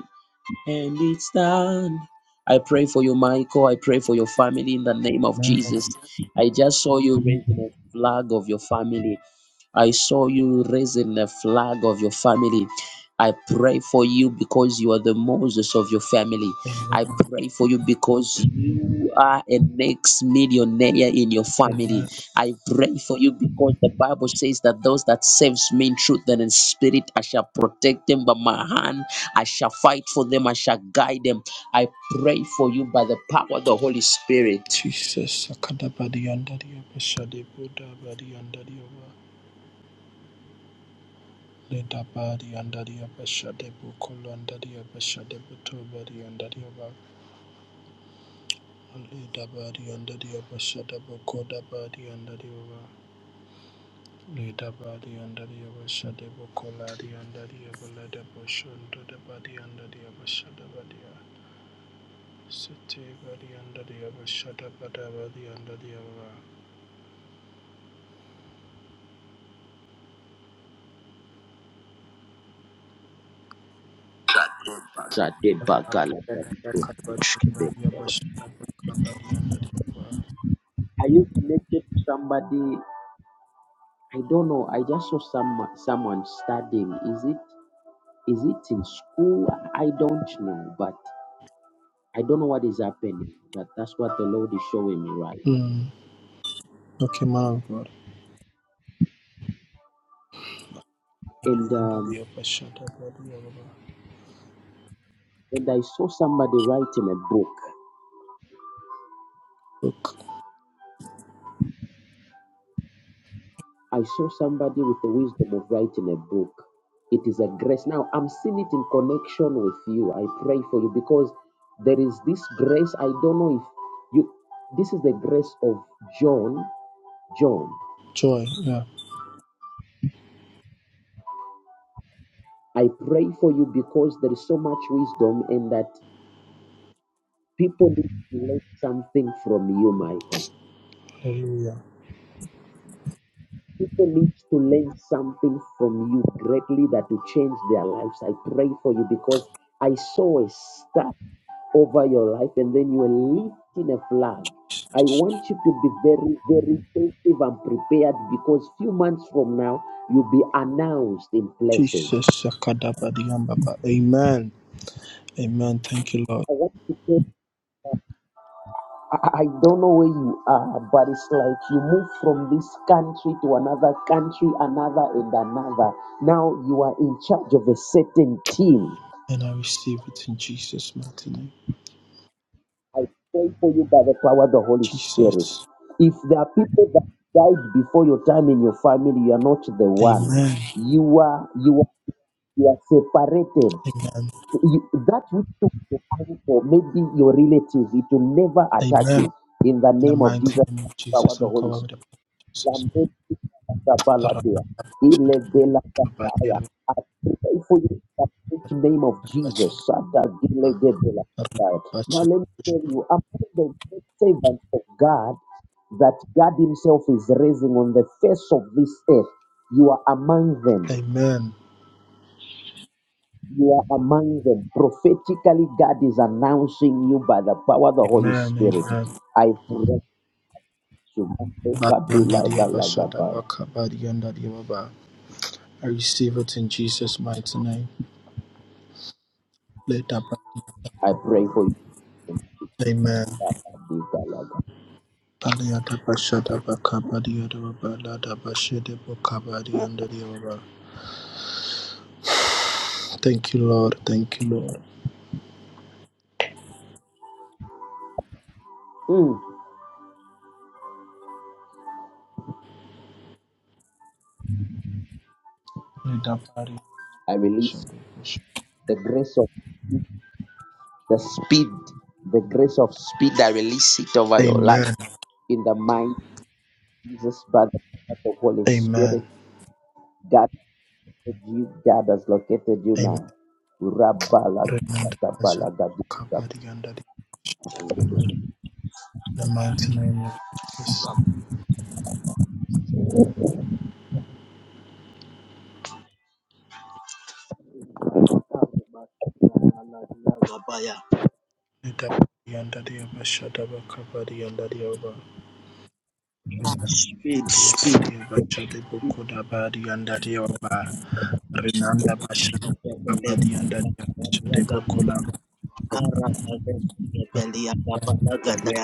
And it's done. I pray for you, Michael. I pray for your family in the name of Amen. Jesus. I just saw you raising a flag of your family. I saw you raising a flag of your family. I pray for you because you are the Moses of your family. Amen. I pray for you because you are a next millionaire in your family. Amen. I pray for you because the Bible says that those that saves me in truth and in spirit, I shall protect them by my hand. I shall fight for them. I shall guide them. I pray for you by the power of the Holy Spirit. Jesus, Sakadabari and Daria Bashade Buddha Bari and Daria Ledabari and Daria Bashade Bukolo and Daria Bashade Buto bari and Daria Ledabari and Daria Bashade Bukoda Bari and Daria Leda body under the Abashade Bokoladi under the Abalada Boshunda the body under the Abashada Badia. City body under the Abashada Bada body Are you under the Abba. connected to somebody I don't know. I just saw some someone studying. Is it is it in school? I don't know, but I don't know what is happening. But that's what the Lord is showing me right now. Mm. Okay, man of God. And Body under um, the Abashada body Abba. and I saw somebody writing a book. Look, I saw somebody with the wisdom of writing a book. It is a grace. Now I'm seeing it in connection with you. I pray for you because there is this grace. I don't know if you. This is the grace of John. John. joy, yeah, I pray for you because there is so much wisdom and that people need to learn something from you, Michael. hallelujah. People need to learn something from you greatly that will change their lives. I pray for you because I saw a star over your life and then you are lifting a flag. I want you to be very, very sensitive and prepared because few months from now you'll be announced in places. Jesus, Sakada Badiambaba. Amen. Amen. Thank you, Lord. I want to tell I I don't know where you are, but it's like you move from this country to another country, another and another. Now you are in charge of a certain team. and I receive it in Jesus' mighty name. I pray for you by the power of the Holy Spirit. Jesus. If there are people that died before your time in your family, you are not the one. Amen. You are you are you are separated. Amen. You, that which took your uncle, maybe your relative, it will never attack Amen. you. In the In the name of mighty Jesus, name by the of power Jesus, of the I'm Holy Spirit. covered with the blood of Jesus. Lambeti Katabaladia. Ilebela Kataya. I pray for you in the mighty name of Jesus. Sata Gilegebela Kataya. Now let me tell you, among the great servants of God that God Himself is raising on the face of this earth, you are among them. Amen. You are among them. Prophetically, God is announcing you by the power of the Holy Amen. Spirit. Amen. I pray to Bariyanda diya bashada you. baka, bariyanda diya baba. I receive it in Jesus' mighty name. Let that I be. pray for you. Amen. Baliyada bashada bakabariyada balada bashede bokabariyanda diyaba. Thank you, Lord. Thank you, Lord. Mm. Leda bari I release bashada bash- the grace of the speed, the grace of speed. I release it over your life Amen. in the mighty Jesus, by the power of the Holy Amen. Spirit. God, you, God has located you Amen. now. Remanda bashada Rabbalagabalagadiga. bakabariyanda diyaba. In The mighty name of Jesus. Leda bariyanda diyaba shada bakabariyanda diyaba. Diyanda diyaba shade bokoda bariyanda diyaba. Renanda bashada bakabariyanda diyaba shade bokola. Dadia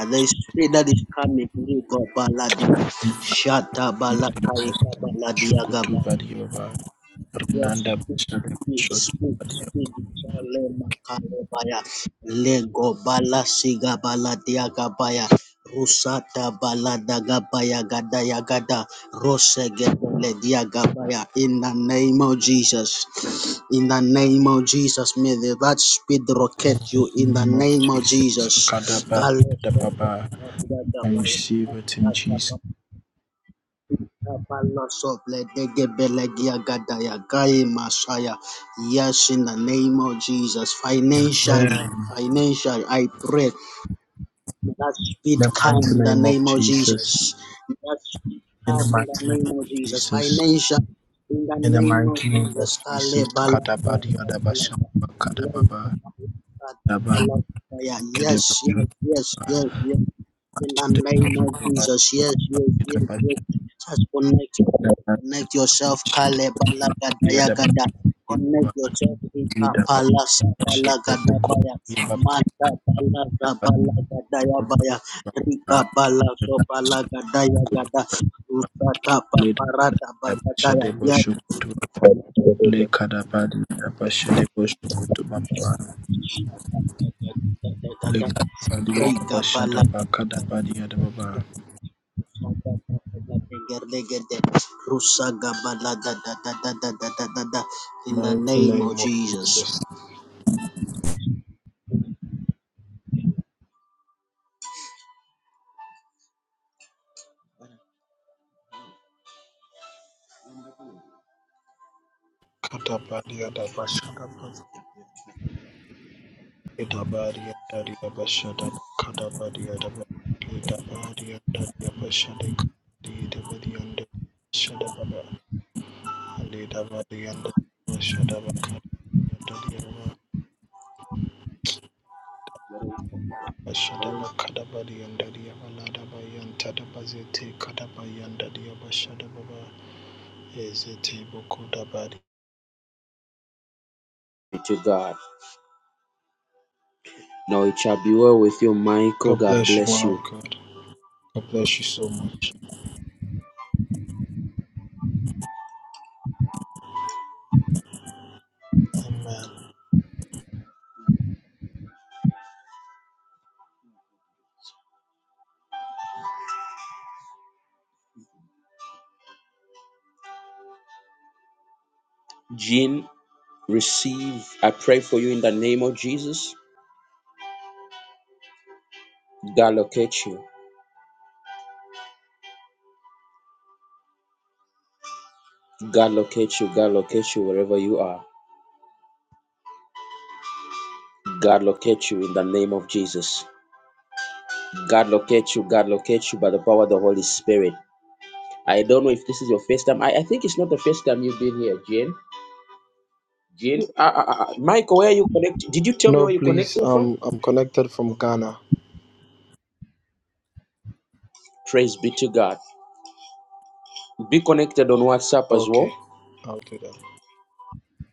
Shokutu Badiova Renanda Bashada Shotu Badia. In the name of Jesus, Sakada Badia da Baba. I receive it in Jesus. Amen. In the mighty name of Jesus. In the mighty name of Jesus. In the mighty name of Jesus. Kada Badia da Basha Kada Baba. Daba Kede Bashuba. Bashade Bashuba. Bashade Bashuba. Bashade Bashuba. Badia da Badia. Ida bashyize buko babada basukuta babada sukuta leda bada bashade bashukutu lekada bada bashade bashukutu baba lekada bada bashada bakada bada baba mighty name of Jesus kada bada bashada Itabariya Daria Bashada Kadabaria Dabaria Daria Bashade Kadi Dabadi and Shada Baba and Dabadi and Bashada Bakada Daria Bashada Bakadabadi and Daria Balada Bayan Tadabazete Kadabayan Daria Bashada Baba Ezete Boko Dabadi. God bless you, man of God. God bless you so much. Amen. Jean, receive. I pray for you in the name of Jesus. God locate you. God locate you. God locate you wherever you are. God locate you in the name of Jesus. God locate you. God locate you by the power of the Holy Spirit. I don't know if this is your first time. I, I think it's not the first time you've been here, Jane. Jane, uh, uh, uh, uh, Michael, where are you connecting? Did you tell me No, where you're please, connecting from? um I'm connected from Ghana. Praise be to God. Be connected on WhatsApp as well. Okay, I'll do that.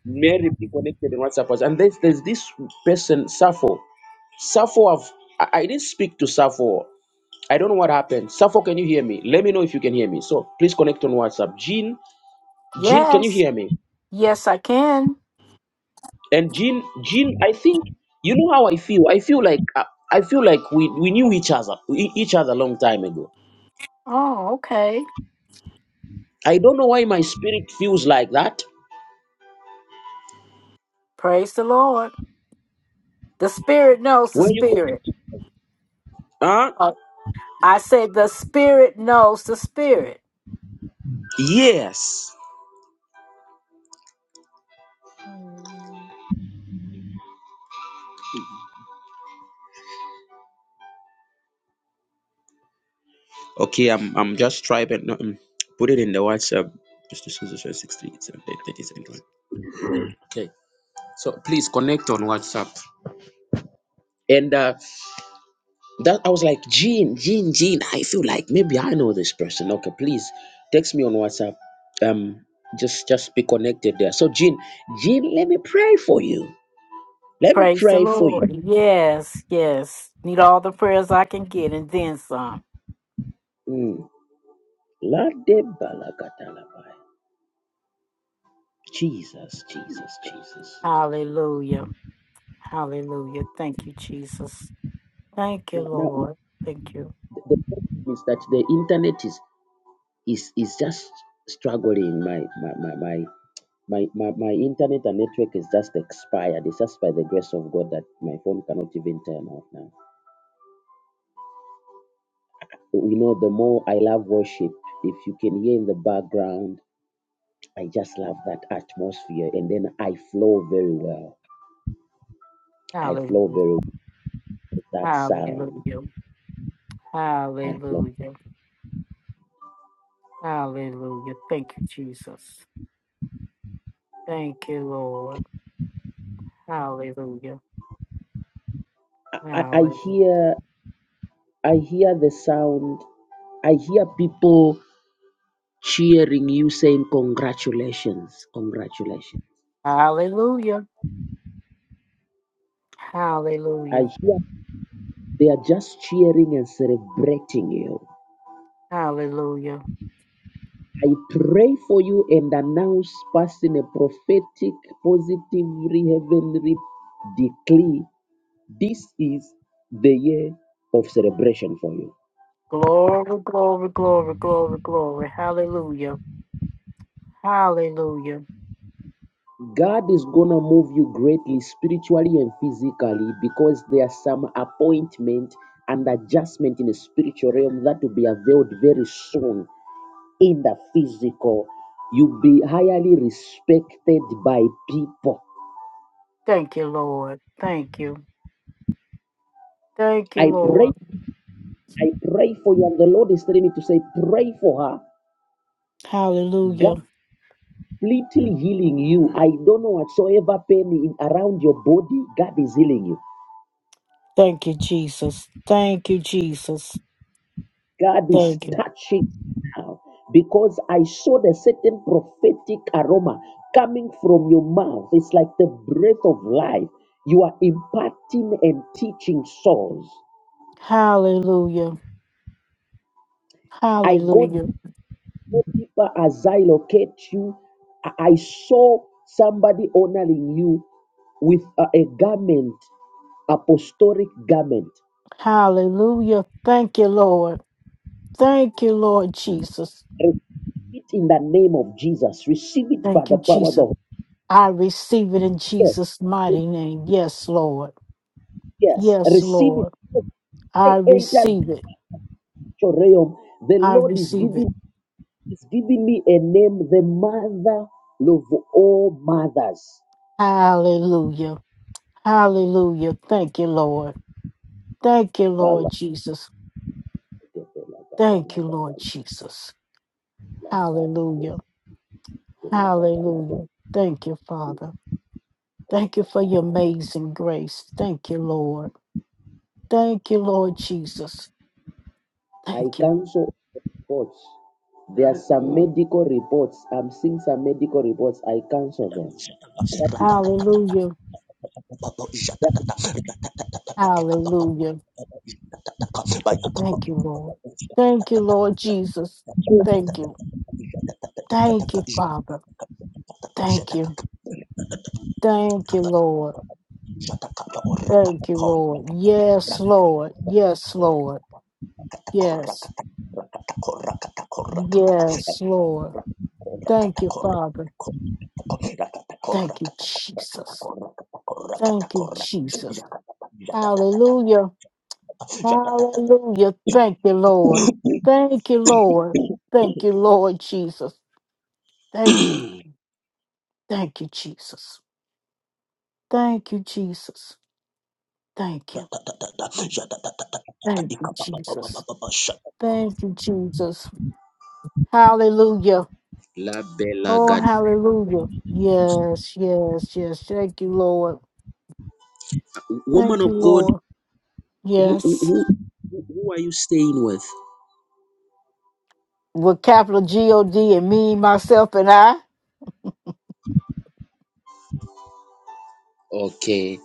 Mary, be connected on WhatsApp as well. And there's, there's this person, Safo. Safo, I've, I, I didn't speak to Safo. I don't know what happened. Safo, can you hear me? Let me know if you can hear me. So please connect on WhatsApp. Jean, Jean, can you Yes. hear me? Yes, I can. and Jean, Jean, I think you know how I feel. I feel like uh, I feel like we we knew each other we, each other a long time ago. Oh, okay. I don't know why my spirit feels like that. Praise the Lord. The Spirit knows the When you Spirit. huh? Uh, I say the Spirit knows the Spirit. Yes. Mm. Okay, I'm I'm just trying to um, put it in the WhatsApp. Just to sixty eight one. Okay. So please connect on WhatsApp. And uh, That I was like, Gene, Gene, Gene. I feel like maybe I know this person. Okay, please text me on WhatsApp. Um, just just be connected there. So Gene, Gene, let me pray for you. Let me Praise the pray for Lord. you. Yes, yes. Need all the prayers I can get and then some. Mm. La de balakatalabai. Jesus, Jesus, Jesus. Hallelujah. Hallelujah. Thank you, Jesus. Thank you, Now, now, now Lord. Thank you. the the problem is that the internet is is is just struggling. My my my my. My, my, my internet and network is just expired. It's just by the grace of God that my phone cannot even turn off now. you know, the more I love worship, if you can hear in the background, I just love that atmosphere. And then I flow very well. I Hallelujah. flow very well with that sound. Hallelujah. I flow. Hallelujah. Hallelujah. Thank you, Jesus. Thank you, Lord. Hallelujah. I, I I Hallelujah. hear I hear the sound. I hear people cheering you saying congratulations. Congratulations. Hallelujah. I Hallelujah. hear they are just cheering and celebrating you Hallelujah. I pray for you and announce passing a prophetic, positively heavenly decree. This is the year of celebration for you. Glory, glory, glory, glory, glory. Hallelujah. Hallelujah. God is gonna move you greatly spiritually and physically because there are some appointment and adjustment in the spiritual realm that will be availed very soon in the physical. You'll be highly respected by people. Thank you, Lord. Thank you. Thank you, I pray Lord. I pray for you, and the Lord is telling me to say, pray for her. God Hallelujah. completely healing you. I don't know whatsoever pain in, around your body, God is healing you. Thank you, Jesus. Thank you, Jesus. God is Thank you. touching now because I saw the certain prophetic aroma coming from your mouth. It's like the breath of life. You are imparting and teaching souls. Hallelujah. I go. Hallelujah. Deeper as I locate you, I I saw somebody honoring you with a, a garment, apostolic garment. Hallelujah. Thank you, Lord. Thank you, Lord Jesus. Receive it in the name of Jesus. Receive it by Thank the you, power of the Jesus. Holy I receive it in Spirit. Jesus' mighty name. Yes, Lord. Yes, Yes, receive Lord. it. I I entered receive it. your realm. The I Lord is receive it. giving is giving me a name, the mother of all mothers. Hallelujah. Hallelujah. Thank you, Lord. Thank you, Lord Jesus. Thank you, Lord Jesus. Hallelujah. Hallelujah. Thank you, Father. Thank you for your amazing grace. Thank you, Lord. Thank you, Lord Jesus. I Thank you. cancel reports. There are some medical reports. I'm seeing some medical reports. I cancel them. That Yakata, is, Hallelujah. that is Hallelujah. Thank you, Lord. Thank you, Lord Jesus. true. Thank you. Thank you, Father. Thank you. Thank you, Lord. Thank you, Lord. Yes, Lord. Yes, Lord. Yes. Yes, Lord. Thank you, Father. Thank you, Jesus. Thank you, Jesus. Hallelujah. Hallelujah. Thank you, Lord. Thank you, Lord. Thank you, Lord Jesus. Thank you. Thank you, Jesus. Thank you, Jesus. Thank you. Jadadadadadada, jadadadadadada, Thank you, Jesus. ikapapapapapa, Thank you, Jesus. Hallelujah. La Bella Oh, God. hallelujah. Yes, yes, yes. Thank you, Lord. Woman Thank you, of God, Lord. who, who, Yes. who, who who are you staying with? With capital G O D and me, myself, and I. Okay.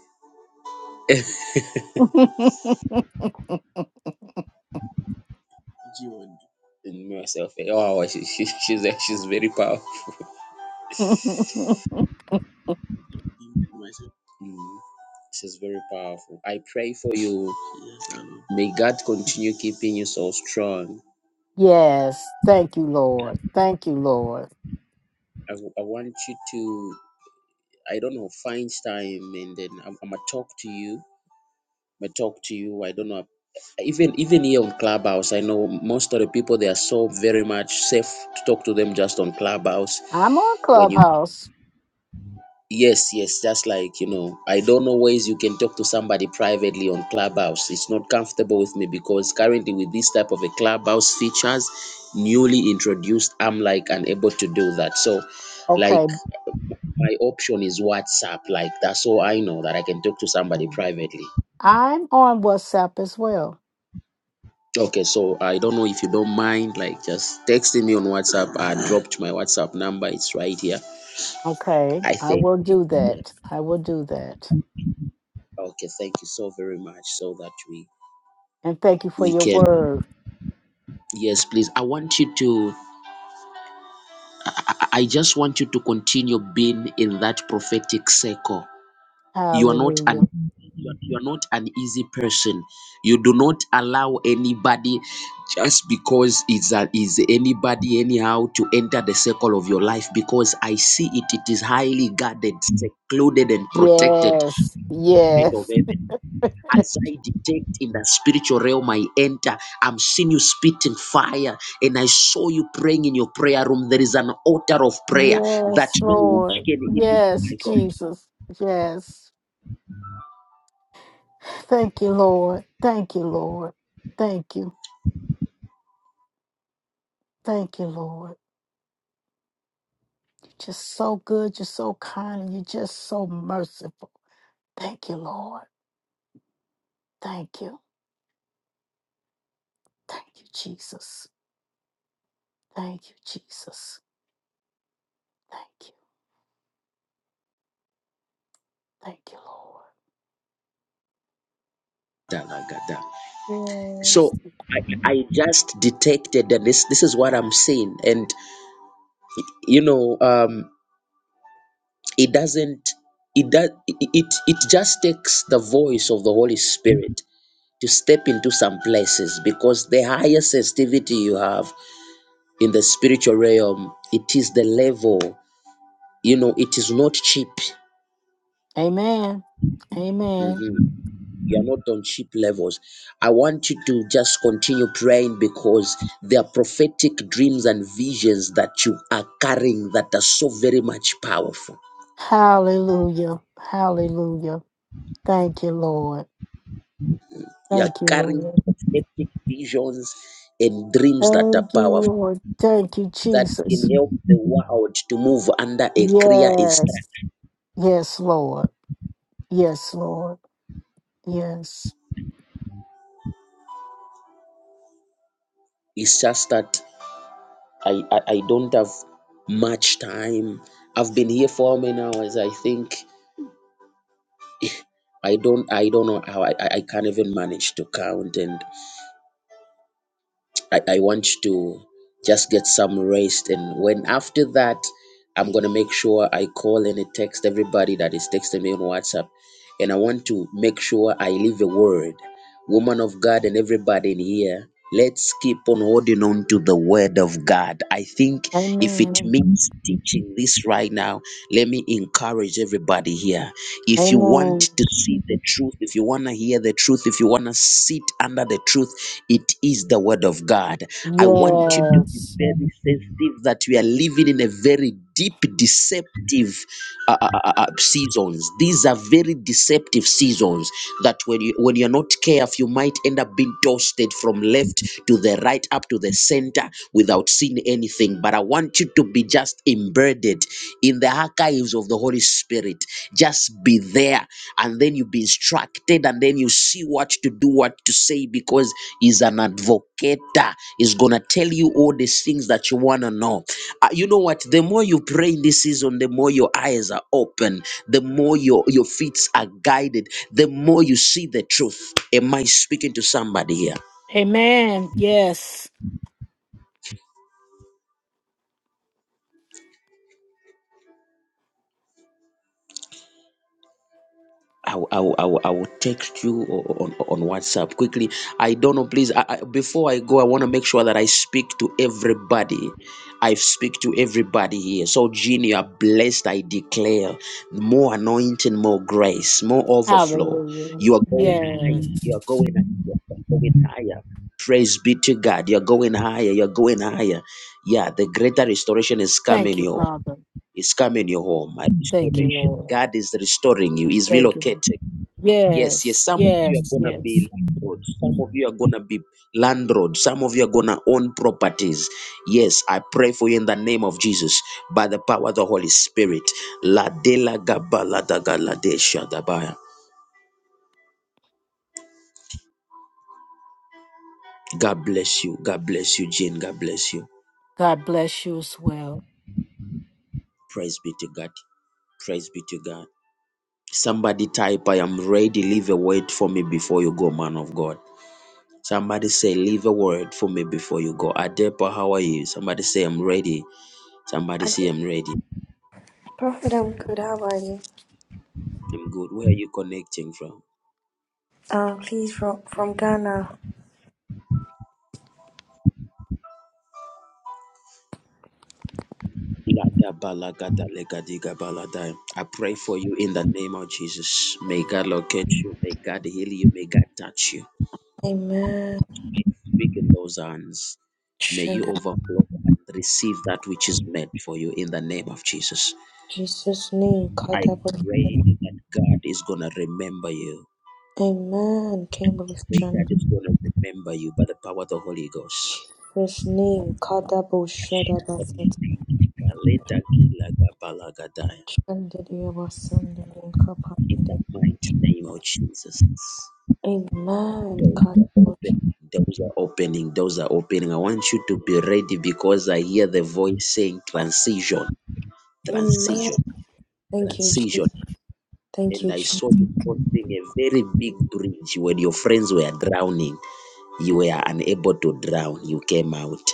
And Myself. eh, Oh, wow, she, she, she's, she's very powerful. Mm. She's very powerful. I pray for you. May God continue keeping you so strong. yes. Thank you, Lord. Thank you, Lord. I, w- I want you to, I don't know, find time and then I'm, I'm going to talk to you may talk to you. I don't know. Even even here on Clubhouse, I know most of the people they are so very much safe to talk to them just on Clubhouse. I'm on When you Clubhouse. yes yes, just like you know, I don't know ways you can talk to somebody privately on Clubhouse. It's not comfortable with me because currently with this type of a Clubhouse features newly introduced, I'm like unable to do that. So like Okay. my option is WhatsApp. Like that's all I know that I can talk to somebody privately. I'm on WhatsApp as well. Okay, so I don't know if you don't mind, like just texting me on WhatsApp. I dropped my WhatsApp number. It's right here. Okay. I I think. will do that. I will do that. Okay, thank you so very much. So that we And thank you for we your can. word. Yes, please. I want you to. I, I I just want you to continue being in that prophetic circle. you are not an Hallelujah. you are, you are not an easy person you do not allow anybody just because it's a, is anybody anyhow to enter the circle of your life because i see it it is highly guarded secluded and protected Yes. gate of Yes. heaven as i detect in the spiritual realm i enter i'm seeing you spitting fire and i saw you praying in your prayer room there is an altar of prayer that Yes, no witch Lord. can even Yes, Jesus. Yes. Thank you, Lord. Thank you, Lord. Thank you. Thank you, Lord. You're just so good. You're so kind. And you're just so merciful. Thank you, Lord. Thank you. Thank you, Jesus. Thank you, Jesus. Thank you. Thank you, my god Lord. Yes. so I, I just detected and this this is what i'm saying and you know um it doesn't it does it it it just takes the voice of the holy spirit to step into some places because the higher sensitivity you have in the spiritual realm it is the level you know it is not cheap Amen. Amen. Mhm. You are not on cheap levels. I want you to just continue praying because there are prophetic dreams and visions that you are carrying that are so very much powerful. Hallelujah. Hallelujah. Thank you, Lord. You are Thank you, carrying Lord. prophetic visions and dreams that are Thank you, powerful Lord. Thank you, that Jesus. can help the world to move under a clear instruction. Yes. Yes, Lord. Yes, Lord. Yes. It's just that I, I, I don't have much time. I've been here for how many hours? I think I don't I don't know how I, I I can't even manage to count and I, I want to just get some rest. And when after that, I'm going to make sure I call and I text everybody that is texting me on WhatsApp. And I want to make sure I leave a word. Woman of God and everybody in here, let's keep on holding on to the word of God. I think if it Amen. means teaching this right now, let me encourage everybody here. If you want Amen. to see the truth, if you want to hear the truth, if you want to sit under the truth, it is the Word of God. I want you to be Yes. very sensitive that we are living in a very deep, deceptive uh, uh, uh, uh, seasons. These are very deceptive seasons that when you when you're not careful yourself, you might end up being toasted from left to the right, up to the center without seeing anything. But I want you to be just embedded in the archives of the Holy Spirit. Just be there, and then you be instructed, and then you see what to do, what to say, because He's an advocator. He's going to tell you all these things that you want to know. Uh, you know what? The more you pray in this season, the more your eyes are open, the more your, your feet are guided, the more you see the truth. Am I speaking to somebody here? Amen. Yes. I will, I will, I will, I will text you o- on, on WhatsApp quickly. I don't know, please. I, I, before I go, I want to make sure that I speak to everybody. I speak to everybody here. So, Jean, you are blessed. I declare more anointing, more grace, more overflow. Hallelujah. You are going Yes. higher. You are going, you are going higher. Praise be to God. You're going higher. You're going higher. Yeah, the greater restoration is Thank coming you, your Father. is coming your home. A Thank you, restoration. Lord. God is restoring you. He's Thank you. relocating. Yes, yes. Yes. Some of you are Yes. gonna Yes. be landlords. Some of you are gonna be landlords. Some of you are gonna own properties. Yes, I pray for you in the name of Jesus by the power of the Holy Spirit. La de la gaba la da ga la de da ba God bless you. God bless you, Jane. God bless you. God bless you as well. Praise be to God. Praise be to God. Somebody type, I am ready. Leave a word for me before you go, man of God. Somebody say, Leave a word for me before you go. Adepa, how are you? Somebody say, I'm ready. Somebody I, see him ready. Prophet, I'm good. How are you? I'm good. Where are you connecting from? Uh, please, from, from Ghana. Ladabalagadalegadigabaladai. I pray for you in the name of Jesus. May God locate you. May God heal you. May God touch you. Amen. Speak in those hands. May you Shanda. overflow and receive that which is meant for you in the name of Jesus. Jesus' name. I Kadabo. pray that God is going to remember you. Amen. Kimbo Pray God Shanda. is going to remember you by the power of the Holy Ghost. His name. Kadabo Shada Basit. Shandidiyaba Sunday. and in Kapandidi. the mighty name of Jesus. Amen. Kadabo. Doors are opening, doors are opening. I want you to be ready because I hear the voice saying transition, Amen. transition, Thank you, transition. Jesus. Thank And you, I Jesus. saw you crossing a very big bridge when your friends were drowning. You were unable to drown, you came out.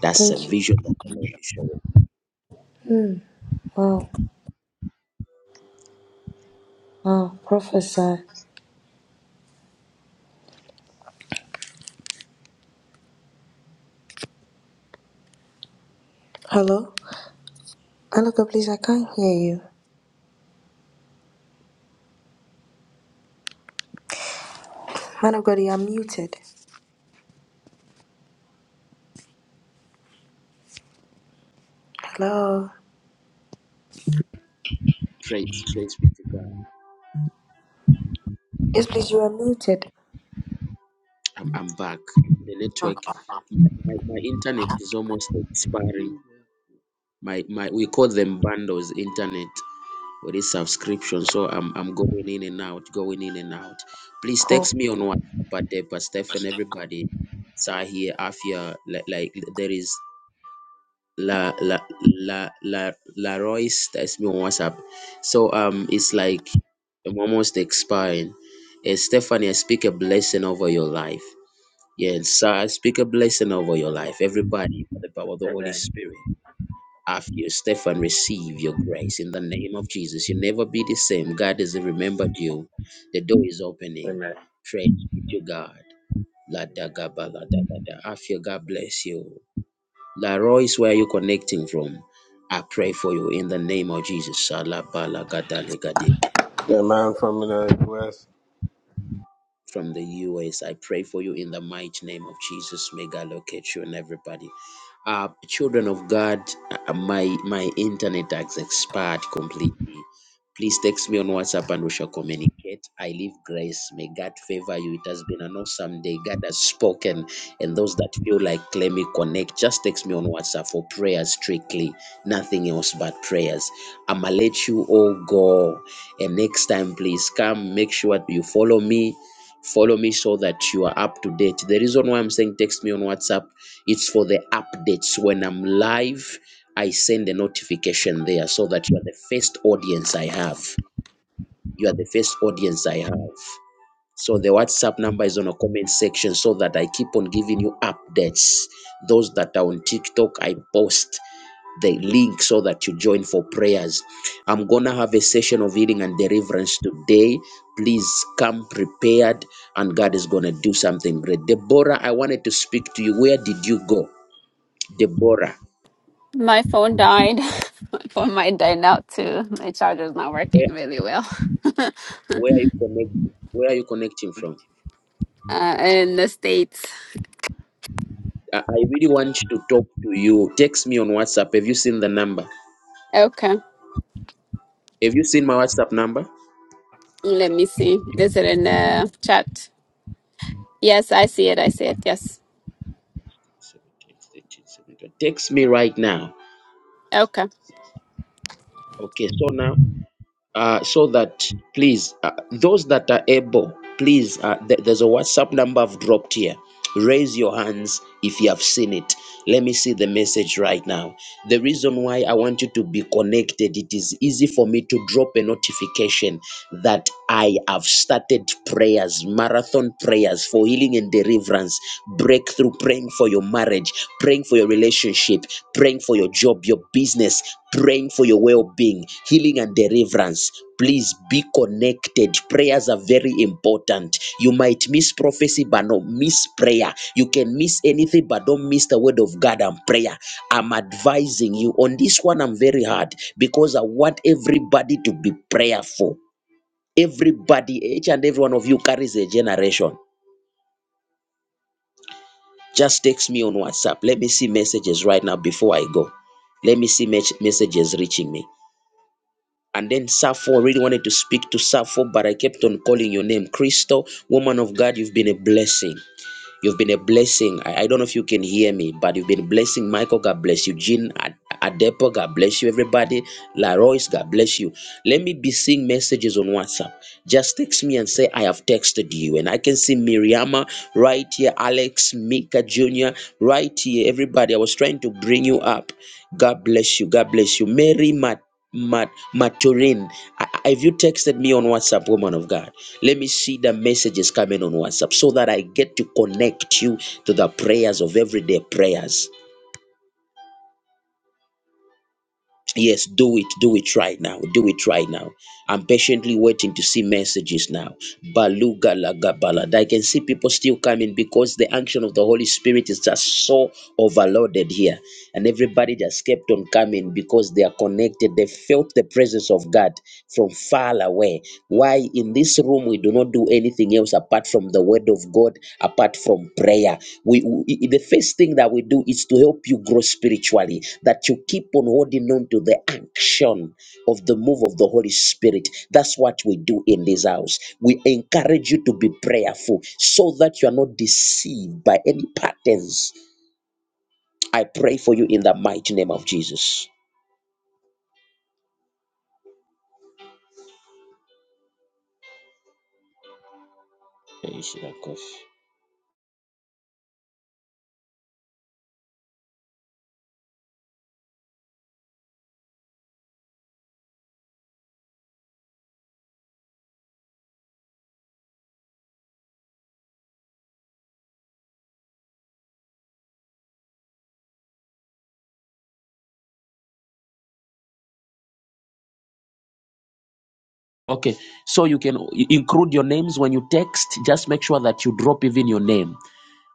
That's Thank a you. vision that the Lord is showing. Hmm. Wow. Wow. Prophesy. Hello? Man of God, please, I can't hear you. Man of God, you are muted. Hello? Praise, praise be to God. Yes, please, you are muted. I'm, I'm back. The network, Okay, my, my my internet is almost expiring. my my we call them bundles internet or this subscription so i'm i'm going in and out going in and out please cool. text me on whatsapp at the but stefan everybody sahir afia like, like there is la la la la la royce text me on whatsapp so um it's like i'm almost expiring Eh, stephanie i speak a blessing over your life yes sir i speak a blessing over your life everybody by the power of the holy Amen. spirit after you, Stefan, receive your grace in the name of Jesus. You'll never be the same. God has remembered you. The door is opening. Amen. Praise be to God. La da Amen. ga ba la da da da. Afia, God bless you. La Royce, where are you connecting from? I pray for you in the name of Jesus. Shala ba la ga da le ga di. Yeah, man, from the US. From the US, I pray for you in the mighty name of Jesus. May God locate you and everybody. Uh, children of God, uh, my my internet has expired completely. Please text me on WhatsApp and we shall communicate. I leave grace. May God favor you. It has been an awesome day. God has spoken. And those that feel like let me connect, just text me on WhatsApp for prayers strictly. Nothing else but prayers. I'ma let you all go. And next time, please come make sure you follow me. Follow me so that you are up to date. The reason why I'm saying text me on WhatsApp, it's for the updates when I'm live I send a notification there so that you are the first audience I have. You are the first audience I have. So the WhatsApp number is on a comment section so that I keep on giving you updates. Those that are on TikTok, I post the link so that you join for prayers. I'm gonna have a session of healing and deliverance today. Please come prepared, and God is gonna do something great. Deborah, I wanted to speak to you. Where did you go, Deborah? My phone died. My phone might die now too. My charger's not working really well. Where are you connecting? Where are you connecting from? Uh, in the States. I I really want to talk to you. Text me on WhatsApp. Have you seen the number? Okay. Have you seen my WhatsApp number? Let me see. Is it in the chat? Yes, I see it. I see it. Yes. 17, eighteen, seventeen. Text me right now. Okay. Okay, so now, uh, so that please, uh, those that are able, please, uh, th- there's a WhatsApp number I've dropped here. Raise your hands if you have seen it. Let me see the message right now. The reason why I want you to be connected, it is easy for me to drop a notification that I have started prayers, marathon prayers for healing and deliverance, breakthrough, praying for your marriage, praying for your relationship, praying for your job, your business, praying for your well being, healing and deliverance. Please be connected. Prayers are very important. You might miss prophecy, but not miss prayer. You can miss anything, but don't miss the word of God and prayer. I'm advising you on this one. I'm very hard because I want everybody to be prayerful. Everybody, each and every one of you carries a generation. Just text me on WhatsApp. Let me see messages right now before I go. Let me see mes- messages reaching me. And then Sappho, I really wanted to speak to Sappho, but I kept on calling your name. Crystal, woman of God, you've been a blessing. You've been a blessing. I, I don't know if you can hear me, but you've been blessing. Michael, God bless you. Jean Ad- Adepo, God bless you. Everybody, Laroyce, God bless you. Let me be seeing messages on WhatsApp. Just text me and say, I have texted you. And I can see Miriama right here, Alex, Mika Jr., right here. Everybody, I was trying to bring you up. God bless you. God bless you. Mary Mat- Mat- Maturin, I- I- have you texted me on WhatsApp, woman of God? Let me see the messages coming on WhatsApp so that I get to connect you to the prayers of everyday prayers. Yes, do it, do it right now, do it right now. I'm patiently waiting to see messages now. Baluga lagabalad. I can see people still coming because the action of the Holy Spirit is just so overloaded here. And everybody just kept on coming because they are connected. They felt the presence of God from far away. Why in this room we do not do anything else apart from the word of God apart from prayer. We, we- the first thing that we do is to help you grow spiritually, that you keep on holding on to the action of the move of the Holy Spirit. That's what we do in this house. We encourage you to be prayerful so that you are not deceived by any patterns. I pray for you in the mighty name of Jesus. Okay, so you can include your names when you text. Just make sure that you drop even your name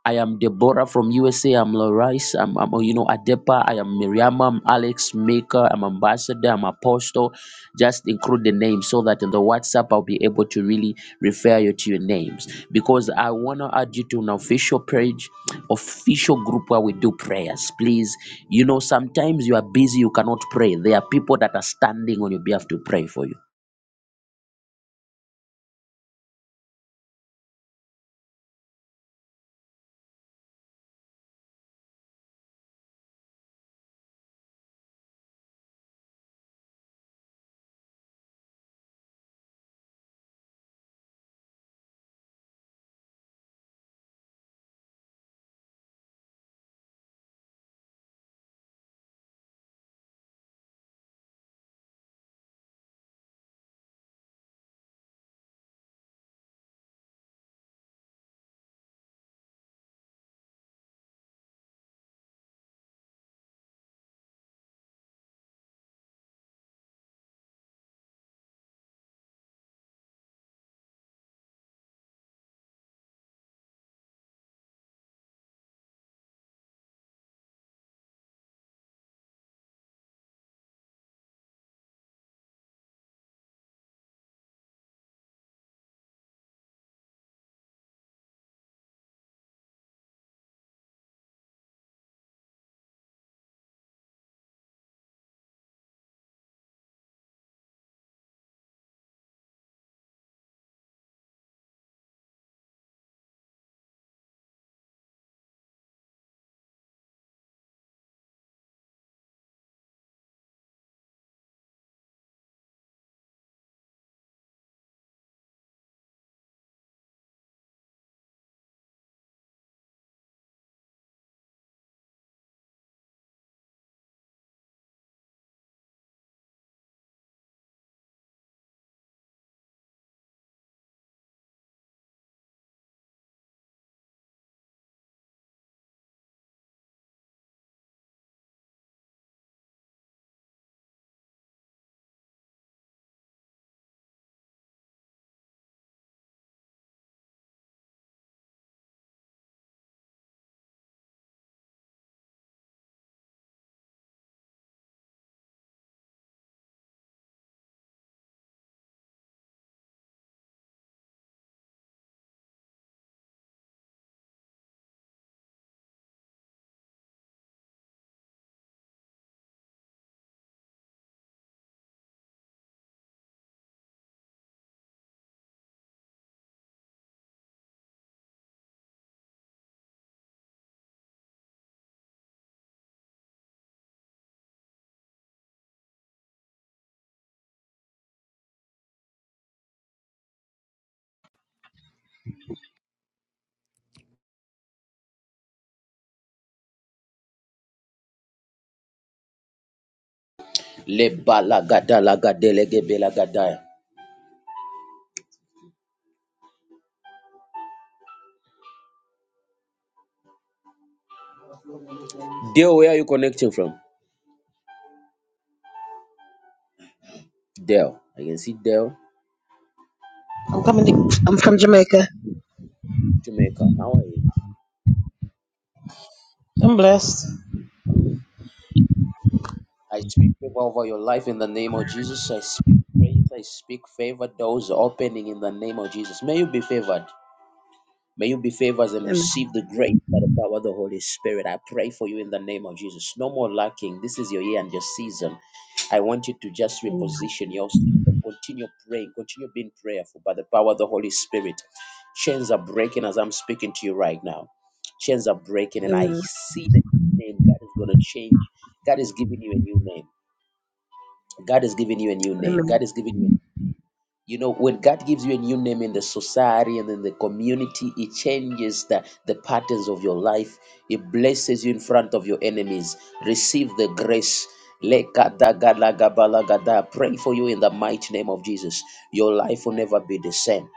I am Deborah from USA. I'm Larice. I'm, I'm, you know, Adepa. I am Miriam. I'm Alex Maker. I'm Ambassador. I'm Apostle. Just include the name so that in the WhatsApp I'll be able to really refer you to your names because I want to add you to an official page, official group where we do prayers. Please, you know, sometimes you are busy, you cannot pray. There are people that are standing on your behalf to pray for you. Lebalagada lagadelegebelagadaya. Dale, where are you connecting from? Dale. I can see Dale. I'm coming. To, I'm from Jamaica. Jamaica. How are you? I'm blessed. I speak favor over your life in the name of Jesus. I speak grace. I speak favor. Doors are opening in the name of Jesus. May you be favored. May you be favored and Amen. receive the grace by the power of the Holy Spirit. I pray for you in the name of Jesus. No more lacking. This is your year and your season. I want you to just Amen. reposition yourself. Continue praying. Continue being prayerful by the power of the Holy Spirit. Chains are breaking as I'm speaking to you right now. Chains are breaking, and I see the name God is going to change. God is giving you a new name. God is giving you a new name. Amen. God is giving you you know, when God gives you a new name in the society and in the community, it changes the, the patterns of your life. It blesses you in front of your enemies. Receive the grace. Lekadagalagabalagada. Pray for you in the mighty name of Jesus. Your life will never be the same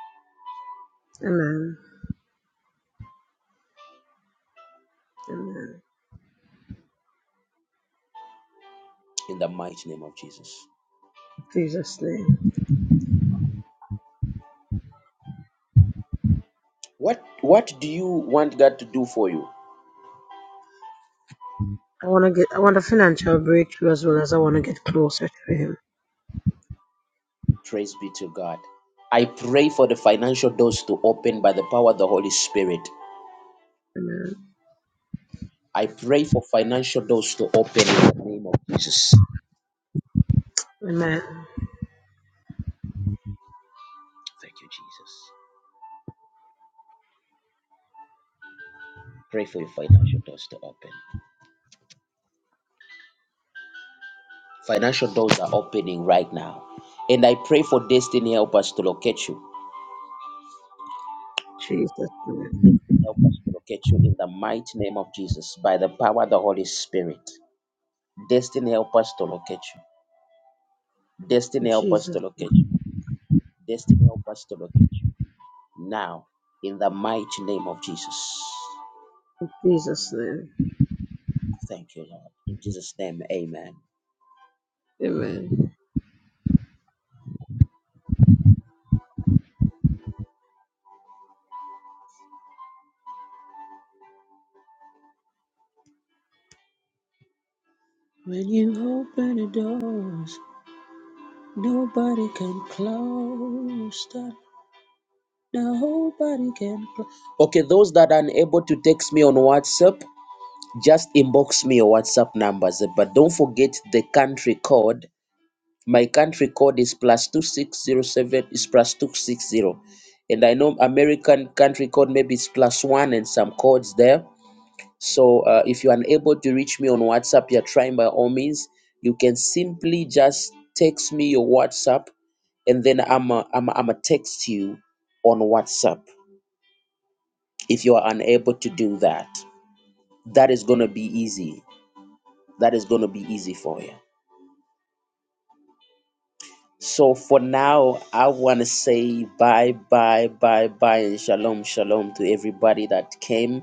Amen. Amen. in the mighty name of Jesus. In Jesus' name. What what do you want God to do for you? I want to get. I want a financial breakthrough as well as I want to get closer to Him. Praise be to God. I pray for the financial doors to open by the power of the Holy Spirit. Amen. I pray for financial doors to open in the name of Jesus. Amen. Thank you, Jesus. Pray for your financial doors to open. Financial doors are opening right now. And I pray for destiny, help us to locate you. Jesus' name. Help us to locate you in the mighty name of Jesus by the power of the Holy Spirit. Destiny, help us to locate you. In Destiny, help us Jesus. to locate you. Destiny, help us to locate you. Now, in the mighty name of Jesus. Jesus' name. Thank you, Lord. In Jesus' name, amen. Amen. When you open the doors, nobody can close them. Nobody can close. Okay, those that are unable to text me on WhatsApp, just inbox me your WhatsApp numbers. But don't forget the country code. My country code is plus two six zero seven is plus two six zero. And I know American country code maybe it's plus one and some codes there. So uh, if you're unable to reach me on WhatsApp, you're trying by all means, you can simply just text me your WhatsApp and then I'm a, I'm a, I'm a text you on WhatsApp if you are unable to do that. That is going to be easy. That is going to be easy for you. So for now, I want to say bye, bye, bye, bye, and shalom, shalom to everybody that came.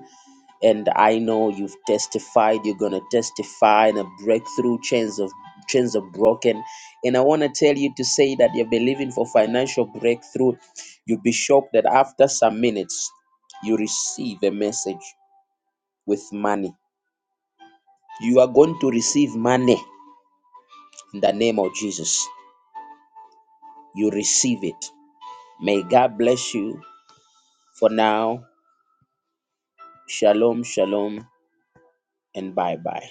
and I know you've testified, you're gonna testify, and a breakthrough chains of chains are broken. And I want to tell you to say that you're believing for financial breakthrough. You'll be shocked that after some minutes, you receive a message with money. You are going to receive money in the name of Jesus. You receive it. May God bless you. For now, shalom, shalom, and bye bye.